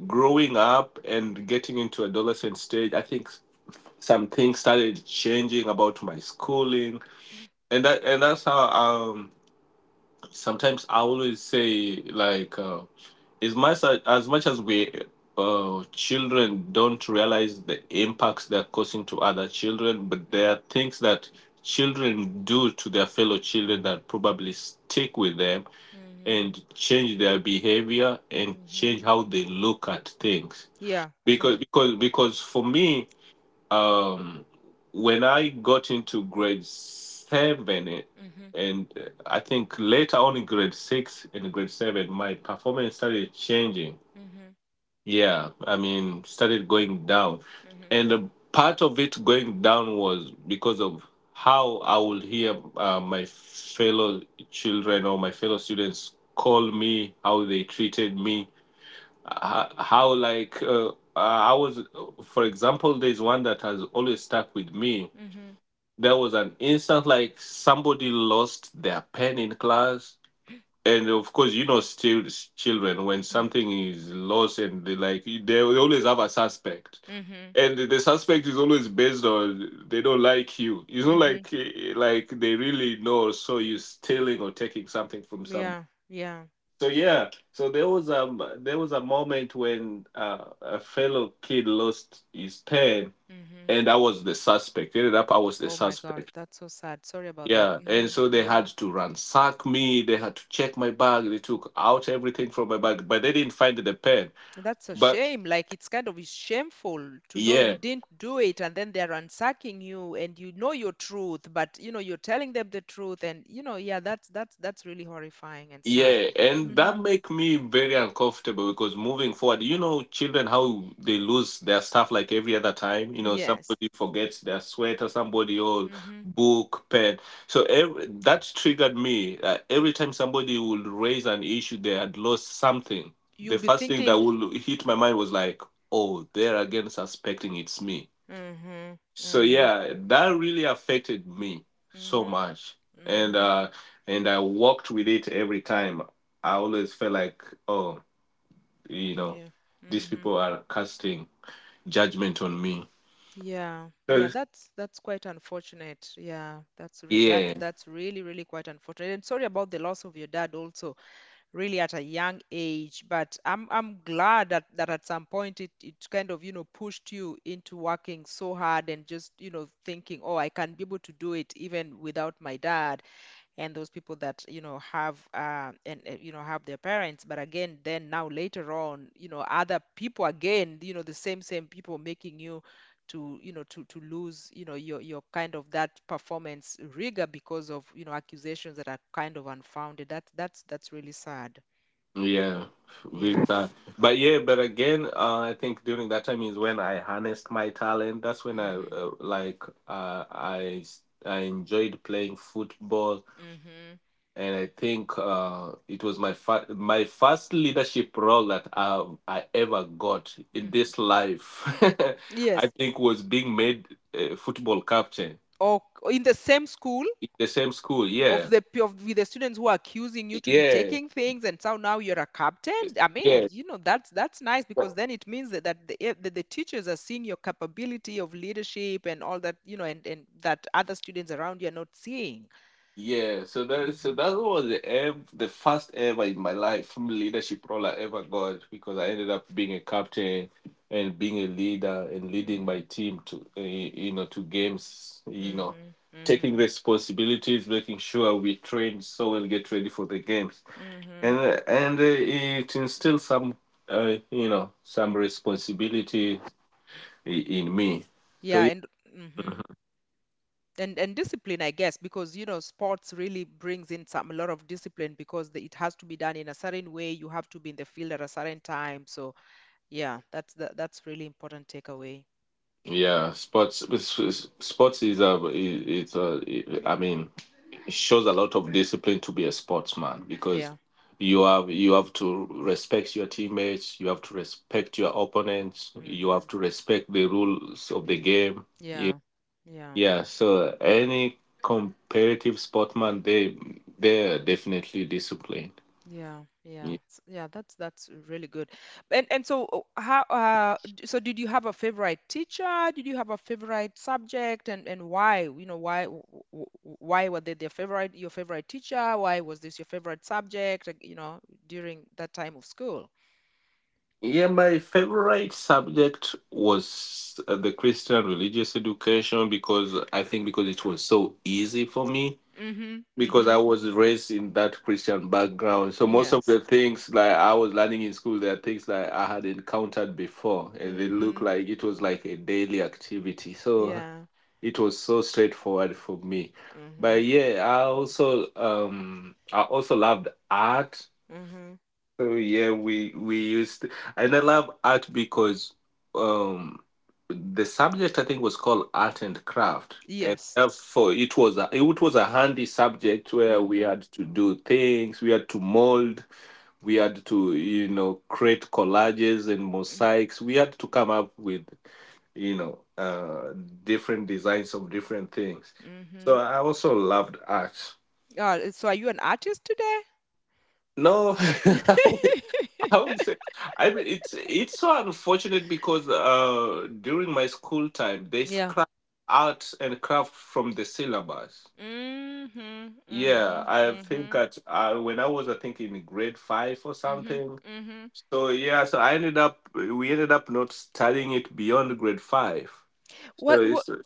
Speaker 2: growing up and getting into adolescent stage, I think some things started changing about my schooling, and that's how sometimes I always say like as much as we children don't realize the impacts they're causing to other children, but there are
Speaker 1: Mhm,
Speaker 2: things that children do to their fellow children that probably stick with them
Speaker 1: mhm,
Speaker 2: and change their behavior and
Speaker 1: mhm,
Speaker 2: change how they look at things.
Speaker 1: Yeah,
Speaker 2: Because
Speaker 1: true.
Speaker 2: because because for me um when I got into grade 7
Speaker 1: Mhm,
Speaker 2: and I think later on in grade 6 and grade 7 my
Speaker 1: mhm,
Speaker 2: performance started changing.
Speaker 1: mhm,
Speaker 2: Yeah, I mean started going down.
Speaker 1: mhm,
Speaker 2: And a part of it going down was because of how I would hear my fellow children or my fellow students call me, how they treated me how like I was, for example, there's one that has always stuck with me.
Speaker 1: mhm,
Speaker 2: There was an instance like somebody lost their pen in class, and of course, you know, still children when
Speaker 1: mhm,
Speaker 2: something is lost and they always have a suspect.
Speaker 1: mhm,
Speaker 2: And the suspect is always based on they don't like you. It's not
Speaker 1: mhm,
Speaker 2: like like they really know, so you stealing or taking something from someone
Speaker 1: Yeah, yeah.
Speaker 2: so yeah, so there was a moment when a fellow kid lost his pen,
Speaker 1: mhm,
Speaker 2: and I was the suspect. I was the
Speaker 1: Oh my God,
Speaker 2: suspect.
Speaker 1: that's so sad. Sorry about that.
Speaker 2: Yeah, and
Speaker 1: Mhm,
Speaker 2: so they
Speaker 1: mhm.
Speaker 2: had to ransack me. They had to check my bag. They took out everything from my bag, but they didn't find the pen.
Speaker 1: That's a
Speaker 2: But
Speaker 1: shame. Like, it's kind of shameful to know you
Speaker 2: yeah,
Speaker 1: didn't do it, and then they're ransacking you, and you know your truth, but you know you're telling them the truth, and you know, yeah, that's really horrifying and sad.
Speaker 2: Yeah, and that
Speaker 1: Mhm,
Speaker 2: make me very uncomfortable because moving forward, you know, children how they lose their stuff like every other time. You know,
Speaker 1: Yes.
Speaker 2: somebody forgets their sweater, somebody or
Speaker 1: mhm.
Speaker 2: book, pen. That triggered me. Every time somebody would raise an issue, they had lost something.
Speaker 1: You'll
Speaker 2: The
Speaker 1: be
Speaker 2: first thing that
Speaker 1: thinking,
Speaker 2: would hit my mind was like, "Oh, they're again suspecting it's me."
Speaker 1: Mm-hmm.
Speaker 2: So
Speaker 1: Mm-hmm.
Speaker 2: yeah, that really affected me so
Speaker 1: mm-hmm,
Speaker 2: much, and
Speaker 1: mm-hmm,
Speaker 2: uh and I walked with it every time. I always felt like, oh, you know,
Speaker 1: yeah.
Speaker 2: these
Speaker 1: Mm-hmm.
Speaker 2: people are casting judgment on me.
Speaker 1: Yeah, yeah,
Speaker 2: Yes.
Speaker 1: that's quite unfortunate. Yeah, that's re that's
Speaker 2: Yeah,
Speaker 1: that's really quite unfortunate. And sorry about the loss of your dad also, really at a young age, but I'm glad that that at some point it it kind of, you know, pushed you into working so hard and just, you know, thinking, "Oh, I can be able to do it even without my dad." And those people that you know have and you know have their parents, but again then now later on, you know, other people again, you know, the same people making you to, you know, to lose, you know, your kind of that performance rigor because of, you know, accusations that are kind of unfounded. That's that's really sad.
Speaker 2: yeah, with
Speaker 1: Yeah
Speaker 2: that, but yeah, but again, I think during that time is when I harnessed my talent. That's when I
Speaker 1: mhm
Speaker 2: like I enjoyed playing football,
Speaker 1: mhm
Speaker 2: and I think it was my my first leadership role that I ever got in
Speaker 1: mhm
Speaker 2: this life. I
Speaker 1: yes
Speaker 2: think was being made football captain
Speaker 1: Or in the same school
Speaker 2: in the same school.
Speaker 1: of
Speaker 2: Yeah,
Speaker 1: the of with the students who are accusing you to be
Speaker 2: yeah,
Speaker 1: taking things, and so now you're a captain. I mean,
Speaker 2: yeah.
Speaker 1: you know, that's nice, because then it means that, that the, eh, that the teachers are seeing your capability of leadership and all that, you know, and that other students around you are not seeing.
Speaker 2: Yeah, so that so
Speaker 1: Hmm
Speaker 2: that was the ev the first ever in my life leadership role I ever got because I ended up being a captain and being a leader and leading
Speaker 1: hmm
Speaker 2: my team to you know, to games, you know,
Speaker 1: hmm
Speaker 2: taking
Speaker 1: hmm
Speaker 2: responsibilities, making sure we train so and get ready for the games, and
Speaker 1: hmm
Speaker 2: it instills some you know, some responsibility in me. So
Speaker 1: yeah
Speaker 2: yeah.
Speaker 1: and hmm And discipline, I guess, because, you know, sports really brings in some a lot of discipline because the, it has to be done in a certain way, you have to be in the field at a certain time, so yeah, that's the, that's really important takeaway.
Speaker 2: Yeah, sports is a it's a I mean it shows a lot of discipline to be a sportsman because
Speaker 1: Yeah.
Speaker 2: you have to respect your teammates, you have to respect your opponents, you have
Speaker 1: hmm
Speaker 2: to respect the rules of the game. Yeah,
Speaker 1: Yeah. Yeah.
Speaker 2: yeah. So any competitive sportsman, they're definitely disciplined.
Speaker 1: Yeah. Yeah. Yeah, that's really good. And so how so did you have a favorite teacher? Did you have a favorite subject, and why? You know, why w- w- w- why were they their favorite, your favorite teacher? Why was this your favorite subject, like, you know, during that time of school?
Speaker 2: Yeah, my favorite subject was the Christian religious education because I think because it was so easy for me
Speaker 1: Mm-hmm.
Speaker 2: because
Speaker 1: Mm-hmm.
Speaker 2: I was raised in that Christian background. So most of the
Speaker 1: Yes.
Speaker 2: things like I was learning in school, there are things that I had encountered before, and they look
Speaker 1: Mm-hmm.
Speaker 2: like it was like a daily activity. So
Speaker 1: Yeah.
Speaker 2: it was so straightforward for me.
Speaker 1: Mm-hmm.
Speaker 2: But yeah, I also loved art
Speaker 1: Mm-hmm.
Speaker 2: so yeah, and I love art because um the subject I think was called art and craft, and
Speaker 1: Yes.
Speaker 2: therefore it was a handy subject where we
Speaker 1: Mm-hmm.
Speaker 2: had to do things, we had to mold, we had to, you know, create collages and mosaics, we had to come up with you know, different designs of different things. So
Speaker 1: Mhm.
Speaker 2: I also loved art.
Speaker 1: Oh, so are you an artist today?
Speaker 2: No, I would say, I mean, it's so unfortunate because during my school time they
Speaker 1: Yeah.
Speaker 2: scrapped arts and craft from the syllabus.
Speaker 1: Mhm.
Speaker 2: Yeah,
Speaker 1: Mhm.
Speaker 2: I think
Speaker 1: Mhm.
Speaker 2: that when I was I think in grade 5 or
Speaker 1: Mhm.
Speaker 2: something.
Speaker 1: Mhm.
Speaker 2: So yeah, so I ended up we ended up not studying it beyond grade 5. So
Speaker 1: What,
Speaker 2: it's
Speaker 1: what,
Speaker 2: go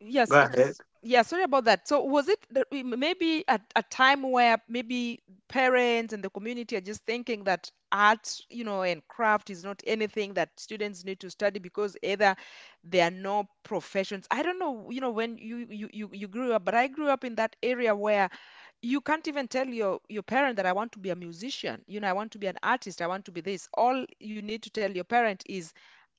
Speaker 1: yes,
Speaker 2: ahead.
Speaker 1: yeah, sorry about that. So was it that maybe at a time where maybe parents and the community are just thinking that art, you know, and craft is not anything that students need to study because either there are no professions. I don't know, you know, when you grew up, but I grew up in that area where you can't even tell your parent that I want to be a musician, you know, I want to be an artist, I want to be this. All you need to tell your parent is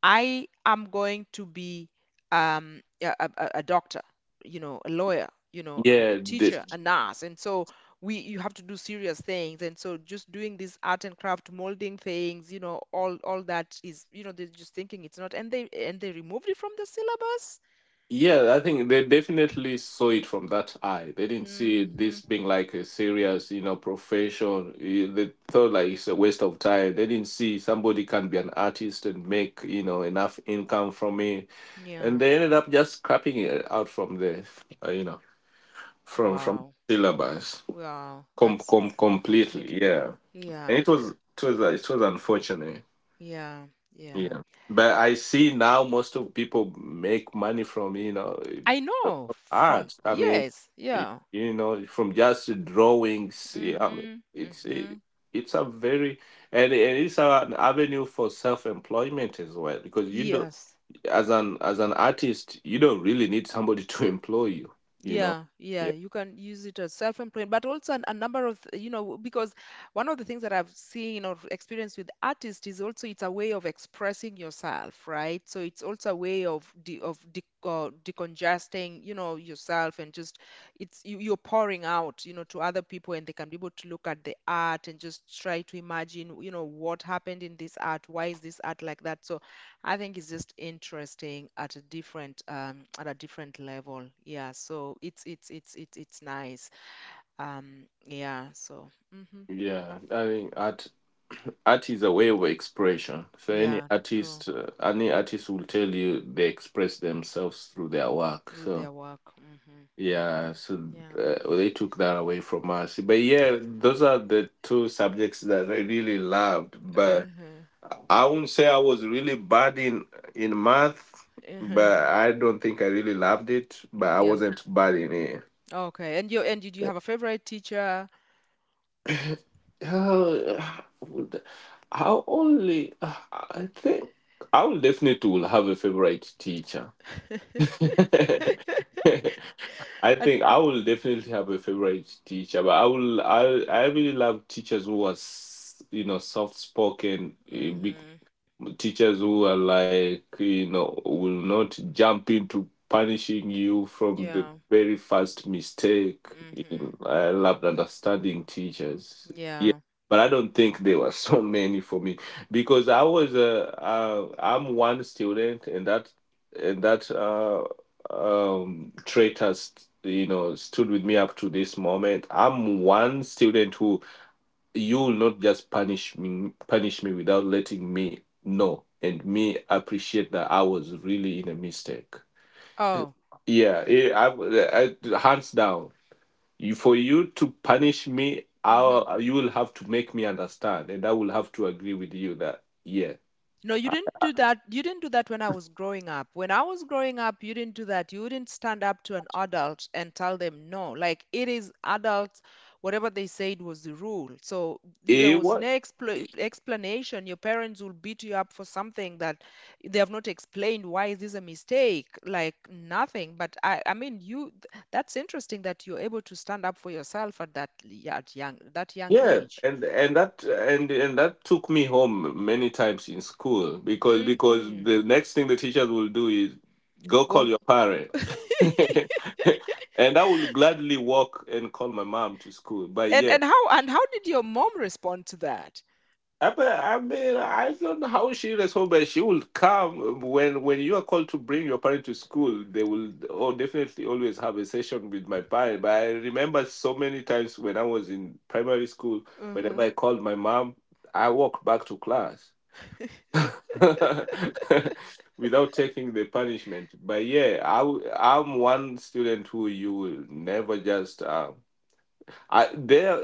Speaker 1: I am going to be a doctor, you know, a lawyer, you know, a
Speaker 2: Yeah, the,
Speaker 1: teacher, a nurse. And so we you have to do serious things, and so just doing this art and craft molding things, you know, all that is, you know, they're just thinking it's not, and they removed it from the syllabus.
Speaker 2: Yeah, I think they definitely saw it from that eye. They didn't see this
Speaker 1: Hmm
Speaker 2: being like a serious, you know, profession. They thought like it's a waste of time. They didn't see somebody can be an artist and make, you know, enough income from it. And
Speaker 1: Yeah.
Speaker 2: they ended up just scrapping it out from the, you know, from
Speaker 1: Wow.
Speaker 2: syllabus
Speaker 1: Wow, that's
Speaker 2: completely.
Speaker 1: completely.
Speaker 2: Yeah,
Speaker 1: Yeah,
Speaker 2: and it was unfortunate.
Speaker 1: yeah, yeah.
Speaker 2: Yeah. But I see now most of people make money from, you know,
Speaker 1: I know from
Speaker 2: art. I mean,
Speaker 1: yes,
Speaker 2: y-
Speaker 1: yeah.
Speaker 2: you know, from just drawings. Yeah, I mean,
Speaker 1: Mm-hmm,
Speaker 2: it's it,
Speaker 1: mm-hmm.
Speaker 2: it's a very and it's an avenue for self-employment as well because you don't
Speaker 1: Yes,
Speaker 2: as an artist you don't really need somebody to employ you. You know.
Speaker 1: yeah, yeah,
Speaker 2: Yeah.
Speaker 1: you can use it as self-employed, but also a number of, you know, because one of the things that I've seen or experienced with artists is also it's a way of expressing yourself, right? So it's also a way of de decongesting, you know, yourself. And just it's you, you're pouring out, you know, to other people, and they can be able to look at the art and just try to imagine, you know, what happened in this art, why is this art like that? So I think it's just interesting at a different level. Yeah, so it's it's nice. Yeah, so hmm
Speaker 2: Yeah. I mean, art is a way of expression. So
Speaker 1: Yeah, true.
Speaker 2: any artist will tell you they express themselves through their work.
Speaker 1: Through
Speaker 2: So
Speaker 1: their work. Hmm hmm
Speaker 2: yeah, so
Speaker 1: Yeah.
Speaker 2: they took that away from us. But yeah, those are the two subjects that I really loved. But
Speaker 1: Uh-huh.
Speaker 2: I wouldn't say I was really bad in math.
Speaker 1: Uh-huh.
Speaker 2: But I don't think I really loved it. But I
Speaker 1: Yeah.
Speaker 2: wasn't bad in it.
Speaker 1: Okay. And you and did you have a favorite teacher?
Speaker 2: Uh, would- I only, I think I will definitely will have a favorite teacher. I think I will definitely have a favorite teacher, but I will I really love teachers who was, you know, soft spoken,
Speaker 1: hmm
Speaker 2: teachers who are like, you know, will not jump into punishing you from the
Speaker 1: Yeah.
Speaker 2: very first mistake. You know,
Speaker 1: hmm
Speaker 2: I loved understanding teachers. Yeah,
Speaker 1: Yeah.
Speaker 2: but I don't think there were so many for me because I was a I'm one student, and that trait has, you know, stood with me up to this moment. I'm one student who you will not just punish me without letting me know and me appreciate that I was really in a mistake.
Speaker 1: Oh.
Speaker 2: Yeah. Eh, hands down, for you to punish me,
Speaker 1: hmm
Speaker 2: you will have to make me understand, and I will have to agree with you that yeah.
Speaker 1: No, you didn't do that. You didn't do that when I was growing up. When I was growing up, you didn't do that. You wouldn't stand up to an adult and tell them no. Like, it is adults, whatever they said was the rule. So there
Speaker 2: eh,
Speaker 1: was no
Speaker 2: what?
Speaker 1: explanation. Your parents will beat you up for something that they have not explained. Why is this a mistake? Like, nothing. But I mean, you. That's interesting that you're able to stand up for yourself at that at young that young
Speaker 2: Yeah,
Speaker 1: age.
Speaker 2: and that took me home many times in school because
Speaker 1: Hmm
Speaker 2: the next thing the teachers will do is go call
Speaker 1: Go.
Speaker 2: your parent. And I will gladly walk and call my mom to school. But yeah,
Speaker 1: And how did your mom respond to that?
Speaker 2: I mean, I don't know how she responds, but she will come when you are called to bring your parent to school. They will oh definitely always have a session with my parent. But I remember so many times when I was in primary school, whenever
Speaker 1: Hmm
Speaker 2: I called my mom, I walked back to class without taking the punishment. But yeah, I'm one student who you will never just. I there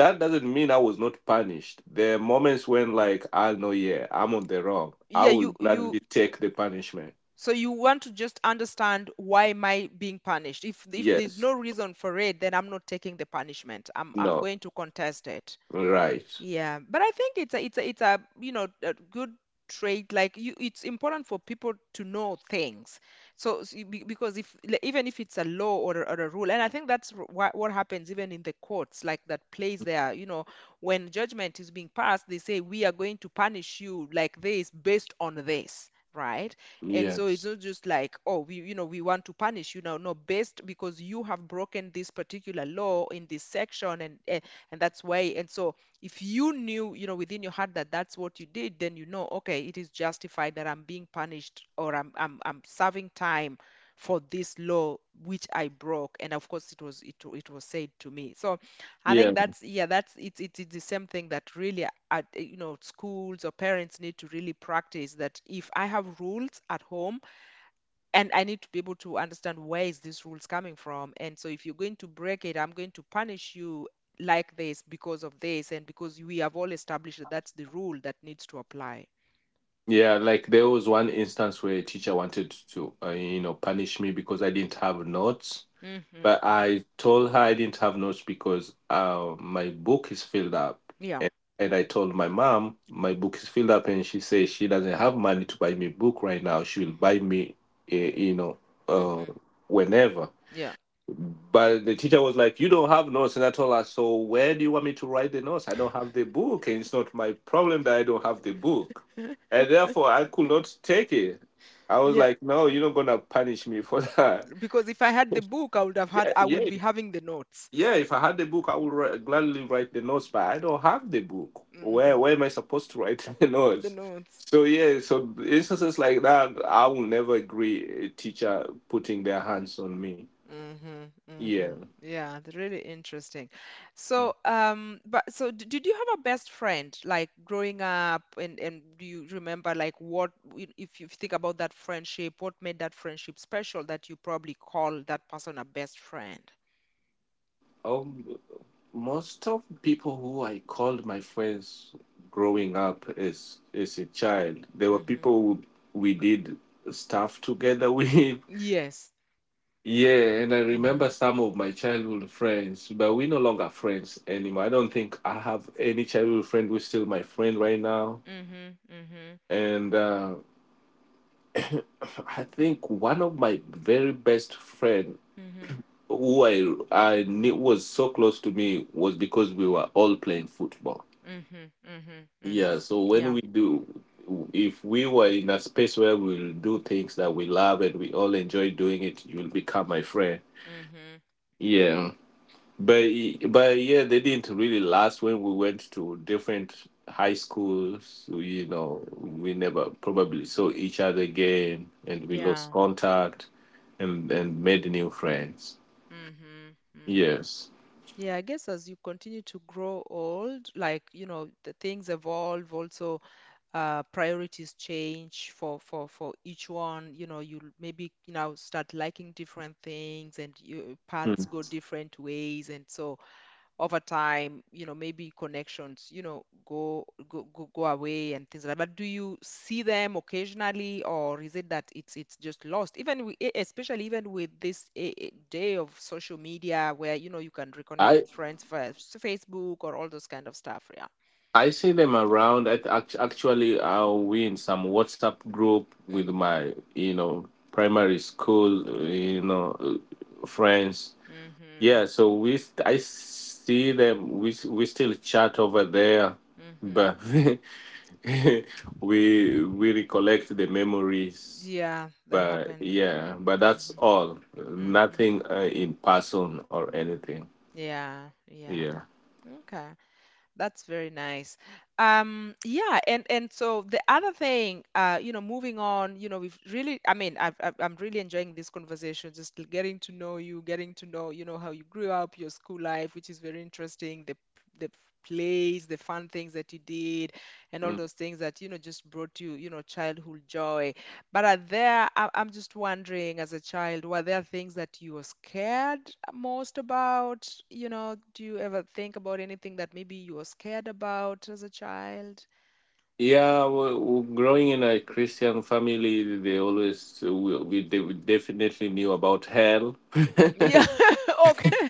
Speaker 2: That doesn't mean I was not punished. There are moments when like I know yeah, I'm on the wrong. I
Speaker 1: Yeah,
Speaker 2: will
Speaker 1: you
Speaker 2: gladly take the punishment.
Speaker 1: so you want to just understand why am I being punished? If there's
Speaker 2: Yes.
Speaker 1: no reason for it, then I'm not taking the punishment. I'm
Speaker 2: No.
Speaker 1: going to contest it.
Speaker 2: Right.
Speaker 1: Yeah, but I think it's a it's a, you know, a good trait. Like, you, it's important for people to know things. So, because if, like, even if it's a law or a rule, and I think that's what happens even in the courts, like that plays there. You know, when judgment is being passed, they say we are going to punish you like this based on this. Right. And so it's
Speaker 2: Yes.
Speaker 1: not just like, oh, we, you know, we want to punish you now. No, based because you have broken this particular law in this section and that's why. And so if you knew, you know, within your heart that that's what you did, then you know, okay, it is justified that I'm being punished, or I'm serving time for this law which I broke, and of course it was it was said to me. So I
Speaker 2: Yeah.
Speaker 1: think that's yeah that's it's the same thing that really at, you know, schools or parents need to really practice that if I have rules at home and I need to be able to understand where is this rules coming from. And so if you're going to break it, I'm going to punish you like this because of this, and because we have all established that that's the rule that needs to apply.
Speaker 2: Yeah, like there was one instance where a teacher wanted to you know, punish me because I didn't have notes.
Speaker 1: Mm-hmm.
Speaker 2: But I told her I didn't have notes because my book is filled up.
Speaker 1: Yeah.
Speaker 2: And, and I told my mom my book is filled up, and she says she doesn't have money to buy me a book right now. She will
Speaker 1: hmm
Speaker 2: buy me, uh, you know, uh,
Speaker 1: hmm
Speaker 2: whenever.
Speaker 1: Yeah.
Speaker 2: But the teacher was like, "You don't have notes," and I told her, "So where do you want me to write the notes? I don't have the book, and it's not my problem that I don't have the book, and therefore I could not take it." I was
Speaker 1: Yeah.
Speaker 2: like, "No, you're not gonna punish me for that."
Speaker 1: Because if I had the book, I would have had,
Speaker 2: Yeah,
Speaker 1: I would
Speaker 2: yeah.
Speaker 1: be having the notes.
Speaker 2: Yeah, if I had the book, I would write, gladly write the notes, but I don't have the book. Where
Speaker 1: Hmm
Speaker 2: am I supposed to write the
Speaker 1: The
Speaker 2: notes?
Speaker 1: notes.
Speaker 2: So yeah, so instances like that, I will never agree a teacher putting their hands on me.
Speaker 1: Mm-hmm, mm-hmm.
Speaker 2: Yeah.
Speaker 1: Yeah, really interesting. So, but so did you have a best friend, like, growing up, and do you remember, like, what if you think about that friendship, what made that friendship special that you probably call that person a best friend?
Speaker 2: Um, Most of people who I called my friends growing up as a child, there were
Speaker 1: Mm-hmm.
Speaker 2: people we did stuff together with.
Speaker 1: Yes.
Speaker 2: Yeah, and I
Speaker 1: Mm-hmm.
Speaker 2: remember some of my childhood friends, but we no longer friends anymore. I don't think I have any childhood friend who's still my friend right now.
Speaker 1: Mm-hmm. Mm-hmm.
Speaker 2: And I think one of my very best friend
Speaker 1: Mm-hmm.
Speaker 2: who I knew was so close to me was because we were all playing football.
Speaker 1: Mm-hmm. Mm-hmm. Mm-hmm.
Speaker 2: Yeah, so when
Speaker 1: Yeah.
Speaker 2: we do, if we were in a space where we'll do things that we love and we all enjoy doing it, you'll become my friend.
Speaker 1: Mm-hmm.
Speaker 2: Yeah. But but yeah, they didn't really last when we went to different high schools. You know, we never probably saw each other again, and we
Speaker 1: Yeah.
Speaker 2: lost contact, and made new friends.
Speaker 1: Mm-hmm. Mm-hmm.
Speaker 2: Yes.
Speaker 1: Yeah, I guess as you continue to grow old, like, you know, the things evolve, also priorities change for for each one. You know, you maybe you know start liking different things, and your
Speaker 2: Hmm.
Speaker 1: paths go different ways, and so over time, you know, maybe connections, you know, go away and things like that. But do you see them occasionally, or is it that it's just lost? Even we, especially even with this day of social media, where you know you can reconnect
Speaker 2: I
Speaker 1: with friends via Facebook or all those kind of stuff. Yeah.
Speaker 2: I see them around. Actually, I we in some WhatsApp group with
Speaker 1: Mhm.
Speaker 2: my primary school friends.
Speaker 1: Mhm.
Speaker 2: Yeah, so I see them. We still chat over there, but
Speaker 1: Mhm.
Speaker 2: we recollect the memories.
Speaker 1: Yeah, that
Speaker 2: But
Speaker 1: happened.
Speaker 2: yeah, but that's
Speaker 1: Hmm.
Speaker 2: all.
Speaker 1: Hmm.
Speaker 2: Nothing in person or anything.
Speaker 1: Yeah, yeah.
Speaker 2: Yeah.
Speaker 1: Okay. That's very nice. Yeah, and so the other thing, you know, moving on, you know, we've really, I mean, I'm really enjoying this conversation, just getting to know you, getting to know, you know, how you grew up, your school life, which is very interesting, the plays, the fun things that you did, and all
Speaker 2: Mm.
Speaker 1: those things that, you know, just brought you, you know, childhood joy. But are there, I'm just wondering as a child, were there things that you were scared most about? You know, do you ever think about anything that maybe you were scared about as a child?
Speaker 2: Yeah, we growing in a Christian family, they always we, they, we definitely knew about hell.
Speaker 1: Yeah, okay.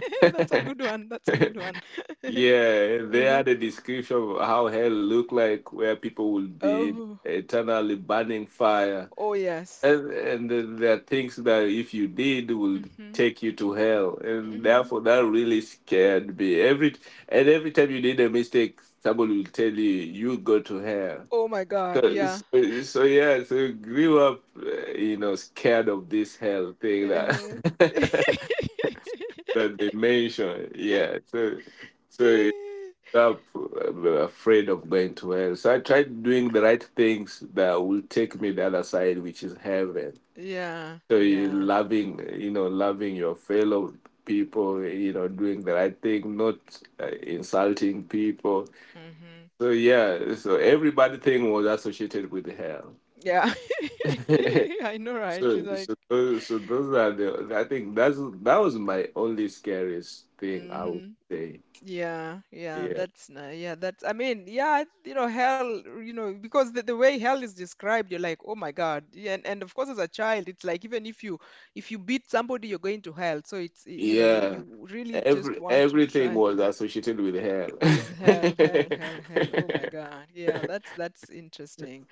Speaker 1: That's a good one. That's a good one.
Speaker 2: Yeah, they
Speaker 1: Uh-huh.
Speaker 2: had a description of how hell looked like, where people would be
Speaker 1: Oh,
Speaker 2: eternally burning fire,
Speaker 1: oh yes.
Speaker 2: and then there are things that if you did would
Speaker 1: Mm-hmm.
Speaker 2: take you to hell, and
Speaker 1: Mm-hmm.
Speaker 2: therefore that really scared me. Every and every time you did a mistake, somebody will tell you you go to hell.
Speaker 1: Oh my God,
Speaker 2: So,
Speaker 1: yeah.
Speaker 2: so, so yeah, so you grew up, you know, scared of this hell thing that
Speaker 1: Uh-huh.
Speaker 2: that they mentioned. Yeah. So uh, Afraid of going to hell. So I tried doing the right things that will take me the other side, which is heaven.
Speaker 1: Yeah,
Speaker 2: So you
Speaker 1: yeah.
Speaker 2: loving, you know, loving your fellow people, you know, doing the right thing, not insulting people.
Speaker 1: Mm-hmm.
Speaker 2: So yeah, so everybody thing was associated with hell.
Speaker 1: Yeah. I know, right? You're
Speaker 2: so
Speaker 1: like,
Speaker 2: so those, so those are the I think that's that was my only scariest thing I would
Speaker 1: mm-hmm.
Speaker 2: say.
Speaker 1: Yeah, yeah,
Speaker 2: Yeah.
Speaker 1: that's yeah, that's I mean, yeah, you know, hell, you know, because the way hell is described, you're like, oh my God. Yeah, and of course as a child, it's like even if you beat somebody, you're going to hell. So it's you know,
Speaker 2: Yeah.
Speaker 1: you really just
Speaker 2: Every
Speaker 1: want to
Speaker 2: everything
Speaker 1: try
Speaker 2: was associated with
Speaker 1: with
Speaker 2: hell.
Speaker 1: hell, hell, hell, hell. Oh my God. Yeah, that's interesting.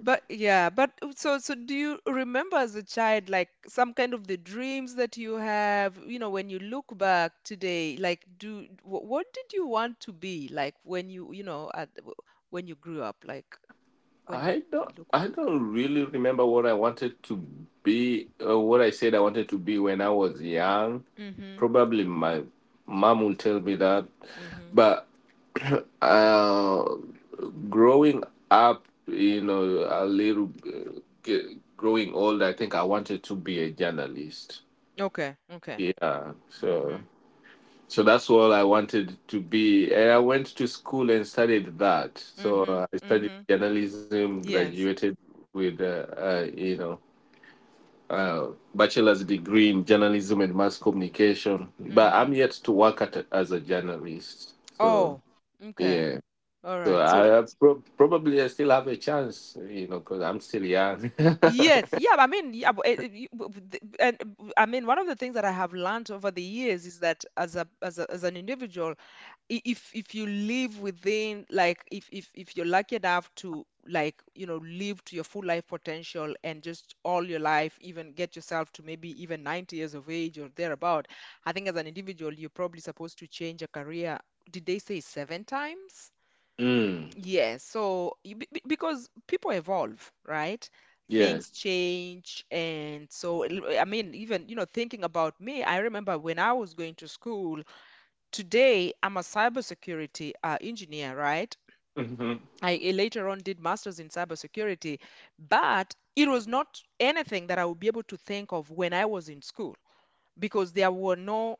Speaker 1: But yeah, but so so do you remember as a child like some kind of the dreams that you have, you know, when you look back today, like do what did you want to be like when you know, at when you grew up, like when you
Speaker 2: I don't
Speaker 1: look
Speaker 2: I
Speaker 1: back?
Speaker 2: don't really remember what I wanted to be, what I said I wanted to be when I was young.
Speaker 1: Mm-hmm.
Speaker 2: Probably my mom will tell me that.
Speaker 1: Mm-hmm.
Speaker 2: But uh, growing up, you know, a little growing old, I think I wanted to be a journalist.
Speaker 1: Okay. Okay.
Speaker 2: Yeah. So
Speaker 1: Mm-hmm.
Speaker 2: so that's all I wanted to be. And I went to school and studied that. So
Speaker 1: Mm-hmm.
Speaker 2: I studied
Speaker 1: Mm-hmm.
Speaker 2: journalism,
Speaker 1: Yes.
Speaker 2: graduated with, you know, bachelor's degree in journalism and mass communication. But
Speaker 1: Mm-hmm.
Speaker 2: I'm yet to work at, as a journalist. So,
Speaker 1: Oh, okay.
Speaker 2: yeah.
Speaker 1: All
Speaker 2: So
Speaker 1: right.
Speaker 2: I
Speaker 1: So
Speaker 2: probably I still have a chance, you know, because I'm still young.
Speaker 1: yes, yeah, I mean, yeah, but it- you- but the- and I mean, one of the things that I have learned over the years is that as an individual, if you live within, like, if you're lucky enough to, like, you know, live to your full life potential and just all your life, even get yourself to maybe even 90 years of age or thereabout, I think as an individual, you're probably supposed to change a career. Did they say 7 times?
Speaker 2: Mm,
Speaker 1: Yes, so you, because people evolve, right?
Speaker 2: yeah.
Speaker 1: Things change, and so I mean, even you know, thinking about me, I remember when I was going to school. Today, I'm a cybersecurity engineer, right?
Speaker 2: Hmm.
Speaker 1: I later on did masters in cybersecurity, but it was not anything that I would be able to think of when I was in school because there were no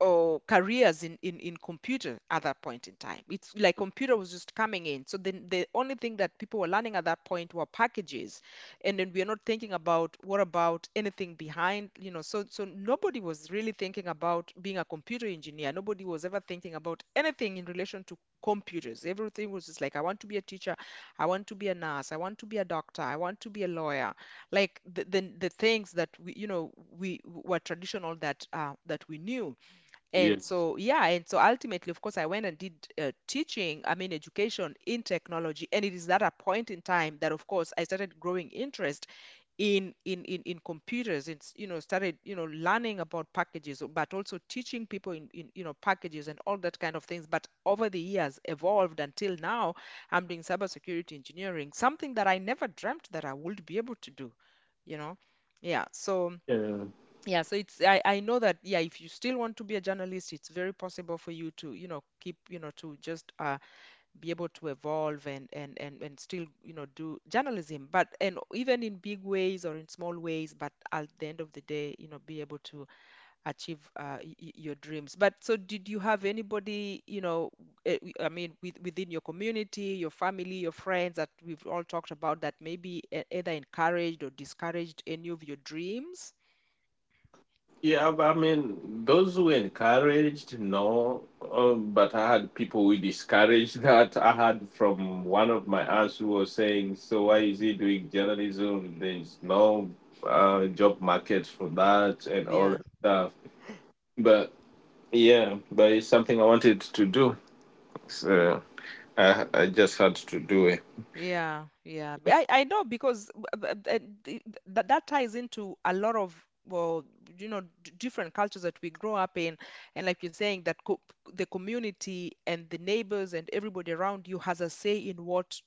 Speaker 1: or careers in, in computer at that point in time. It's like computer was just coming in. So then the only thing that people were learning at that point were packages. And then we are not thinking about what about anything behind, you know. So so nobody was really thinking about being a computer engineer. Nobody was ever thinking about anything in relation to computers. Everything was just like I want to be a teacher, I want to be a nurse, I want to be a doctor, I want to be a lawyer. Like the things that we you know we were traditional that that we knew
Speaker 2: Yeah.
Speaker 1: and so, yeah, and so ultimately, of course, I went and did teaching, I mean, education in technology. And it is at a point in time that, of course, I started growing interest in in computers. It's, you know, started, you know, learning about packages, but also teaching people in, you know, packages and all that kind of things. But over the years, evolved until now, I'm doing cybersecurity engineering, something that I never dreamt that I would be able to do, you know. Yeah, so.
Speaker 2: Yeah.
Speaker 1: Yeah, so it's I know that yeah, if you still want to be a journalist, it's very possible for you to, you know, keep, you know, to just be able to evolve and still, you know, do journalism, but and even in big ways or in small ways, but at the end of the day, you know, be able to achieve your dreams. But so did you have anybody, you know, I mean, with, within your community, your family, your friends that we've all talked about that maybe either encouraged or discouraged any of your dreams?
Speaker 2: Yeah, I mean, those who encouraged, no, but I had people who discouraged that. I had from one of my aunts who was saying, "So why is he doing journalism? There's no job market for that and all
Speaker 1: Yeah.
Speaker 2: that stuff." But yeah, but it's something I wanted to do, so I just had to do it.
Speaker 1: Yeah, yeah. I know because that that ties into a lot of well, you know, d different cultures that we grow up in, and like you're saying, that co the community and the neighbors and everybody around you has a say in what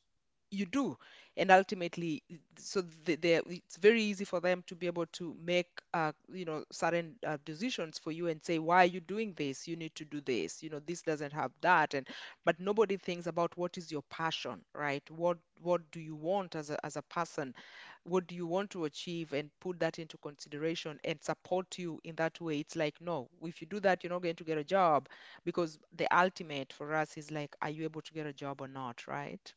Speaker 1: you do and ultimately so they it's very easy for them to be able to make you know certain decisions for you and say why are you doing this, you need to do this, you know this doesn't have that and but nobody thinks about what is your passion, right? What do you want as as a person, what do you want to achieve and put that into consideration and support you in that way? It's like no, if you do that you're not going to get a job because the ultimate for us is like are you able to get a job or not, right?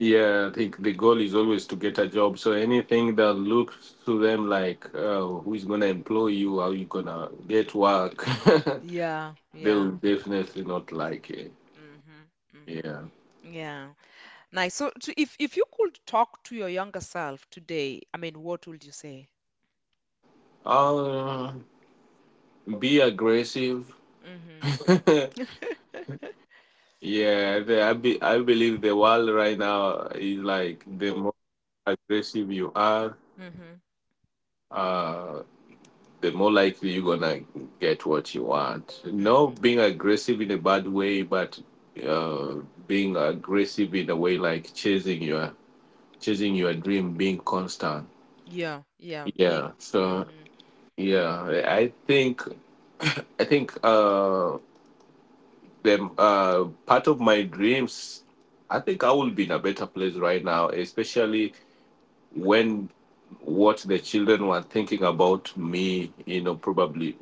Speaker 2: Yeah, I think the goal is always to get a job. So anything that looks to them like who is going to employ you, how you going to get work,
Speaker 1: Yeah,
Speaker 2: they will
Speaker 1: yeah.
Speaker 2: definitely not like it.
Speaker 1: Mm-hmm.
Speaker 2: Yeah.
Speaker 1: Mm-hmm. Yeah. Nice. So, so if you could talk to your younger self today, I mean, what would you say?
Speaker 2: Uh, be aggressive.
Speaker 1: Mm-hmm.
Speaker 2: I believe the world right now is like the more aggressive you are,
Speaker 1: Mm-hmm.
Speaker 2: uh, the more likely you're gonna get what you want. No
Speaker 1: Mm-hmm.
Speaker 2: being aggressive in a bad way, but uh, being aggressive in a way like chasing your dream, being constant.
Speaker 1: Yeah, yeah. Being
Speaker 2: Yeah. So
Speaker 1: mm-hmm.
Speaker 2: yeah, think I think the part of my dreams. I think I will be in a better place right now, especially when what the children were thinking about me, you know, probably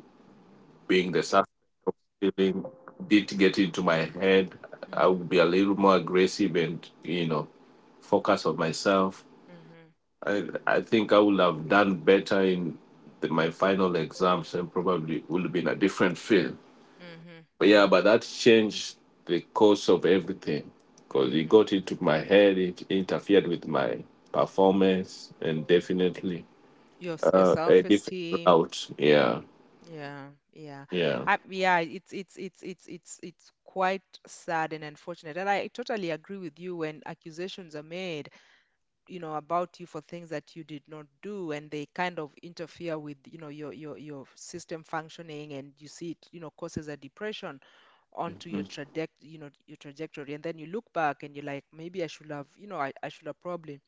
Speaker 2: being the suspect of stealing did get into my head. I
Speaker 1: Mm-hmm.
Speaker 2: would be a little more aggressive and you know focus on myself.
Speaker 1: Mm-hmm.
Speaker 2: I think I would have done better in my final exams and probably would have been a different field.
Speaker 1: Mm-hmm.
Speaker 2: But yeah,
Speaker 1: Mm-hmm.
Speaker 2: but that changed the course of everything because it
Speaker 1: Mm-hmm.
Speaker 2: got into my head. It interfered with my performance and definitely
Speaker 1: Your, your
Speaker 2: a different
Speaker 1: self-esteem.
Speaker 2: route. Yeah,
Speaker 1: Yeah, yeah.
Speaker 2: yeah.
Speaker 1: Yeah, it's quite sad and unfortunate. And I totally agree with you when accusations are made you know about you for things that you did not do and they kind of interfere with you know your system functioning and you see it you know causes a depression onto your
Speaker 2: Mm.
Speaker 1: traject you know your trajectory, and then you look back and you're like maybe I should have you know I should have probably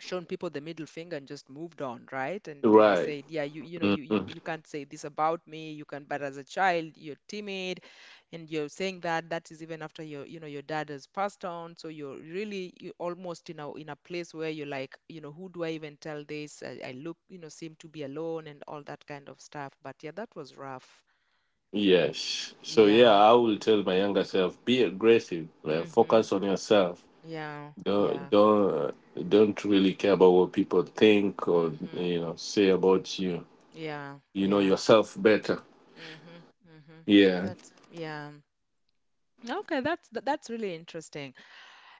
Speaker 1: shown people the middle finger and just moved on, right? And you know
Speaker 2: Right.
Speaker 1: said yeah you know
Speaker 2: Mhm.
Speaker 1: you can't say this about me, you can, but as a child you're timid and you're saying that that is even after your you know your dad has passed on so you're really you almost you know in a place where you're like you know who do I even tell this, I look you know seem to be alone and all that kind of stuff, but yeah, that was rough.
Speaker 2: Yes. So yeah,
Speaker 1: Yeah.
Speaker 2: I will tell my younger self, be aggressive, man.
Speaker 1: Mm-hmm.
Speaker 2: Focus on yourself.
Speaker 1: Yeah,
Speaker 2: Don't
Speaker 1: yeah.
Speaker 2: don't don't really care about what people think or
Speaker 1: Mm-hmm.
Speaker 2: you know say about you.
Speaker 1: Yeah,
Speaker 2: You know
Speaker 1: yeah.
Speaker 2: yourself better.
Speaker 1: Mm-hmm. Mm-hmm.
Speaker 2: Yeah.
Speaker 1: That's yeah. Okay, that's that's really interesting,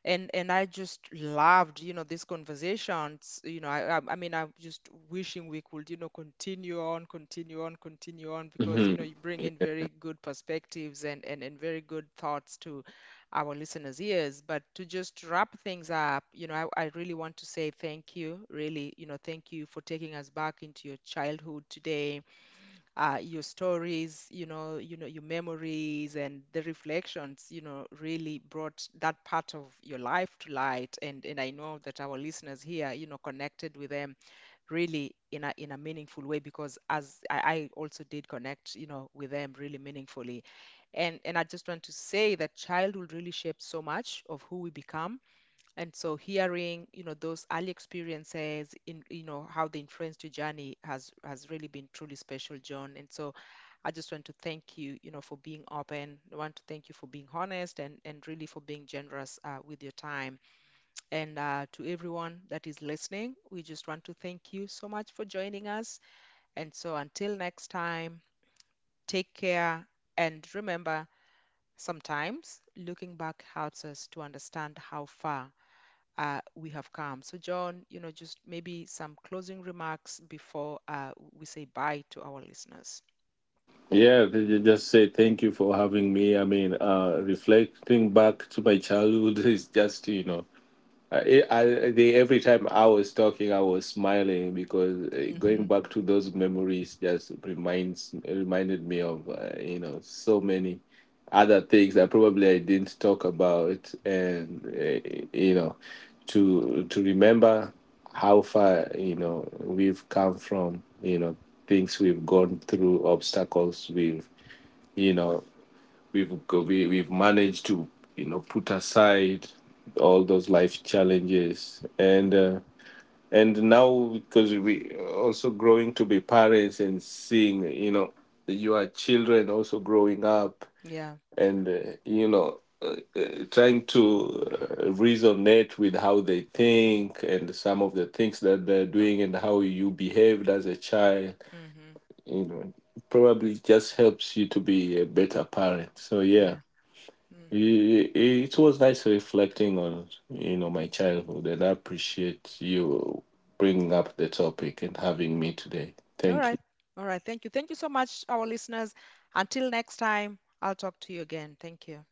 Speaker 1: and I just loved, you know, these conversations. You know, I mean, I'm just wishing we could, you know, continue on, because you know,
Speaker 2: Hmm.
Speaker 1: you bring in very good perspectives and and very good thoughts to our listeners' ears. But to just wrap things up, you know, I really want to say thank you, really, you know, thank you for taking us back into your childhood today, your stories, you know, your memories and the reflections, you know, really brought that part of your life to light. And I know that our listeners here, you know, connected with them really in a meaningful way because as I also did connect, you know, with them really meaningfully. And I just want to say that childhood really shapes so much of who we become, and so hearing, you know, those early experiences in, you know, how they influenced your journey has really been truly special, John. And so I just want to thank you, you know, for being open. I want to thank you for being honest and really for being generous with your time. And to everyone that is listening, we just want to thank you so much for joining us. And so until next time, take care and remember, sometimes looking back helps us to understand how far we have come. So, John, you know, just maybe some closing remarks before we say bye to our listeners.
Speaker 2: Yeah. They Just say thank you for having me. I mean, reflecting back to my childhood is just you know I, I, every time I was talking, I was smiling because going
Speaker 1: Mm-hmm.
Speaker 2: back to those memories just reminds reminded me of you know so many other things that probably I didn't talk about, and you know to remember how far you know we've come from, you know things we've gone through, obstacles we've you know we've managed to you know put aside all those life challenges
Speaker 1: Mm-hmm.
Speaker 2: and now because we also growing to be parents and seeing you know your children also growing up
Speaker 1: Yeah.
Speaker 2: and you know trying to resonate with how they think and some of the things that they're doing and how you behaved as a child
Speaker 1: Mm-hmm.
Speaker 2: you know probably just helps you to be a better parent. So yeah,
Speaker 1: Yeah. Mm-hmm.
Speaker 2: it was nice reflecting on, you know, my childhood, and I appreciate you bringing up the topic and having me today.
Speaker 1: All
Speaker 2: Thank
Speaker 1: right.
Speaker 2: you.
Speaker 1: All right. Thank you. Thank you so much, our listeners. Until next time, I'll talk to you again. Thank you.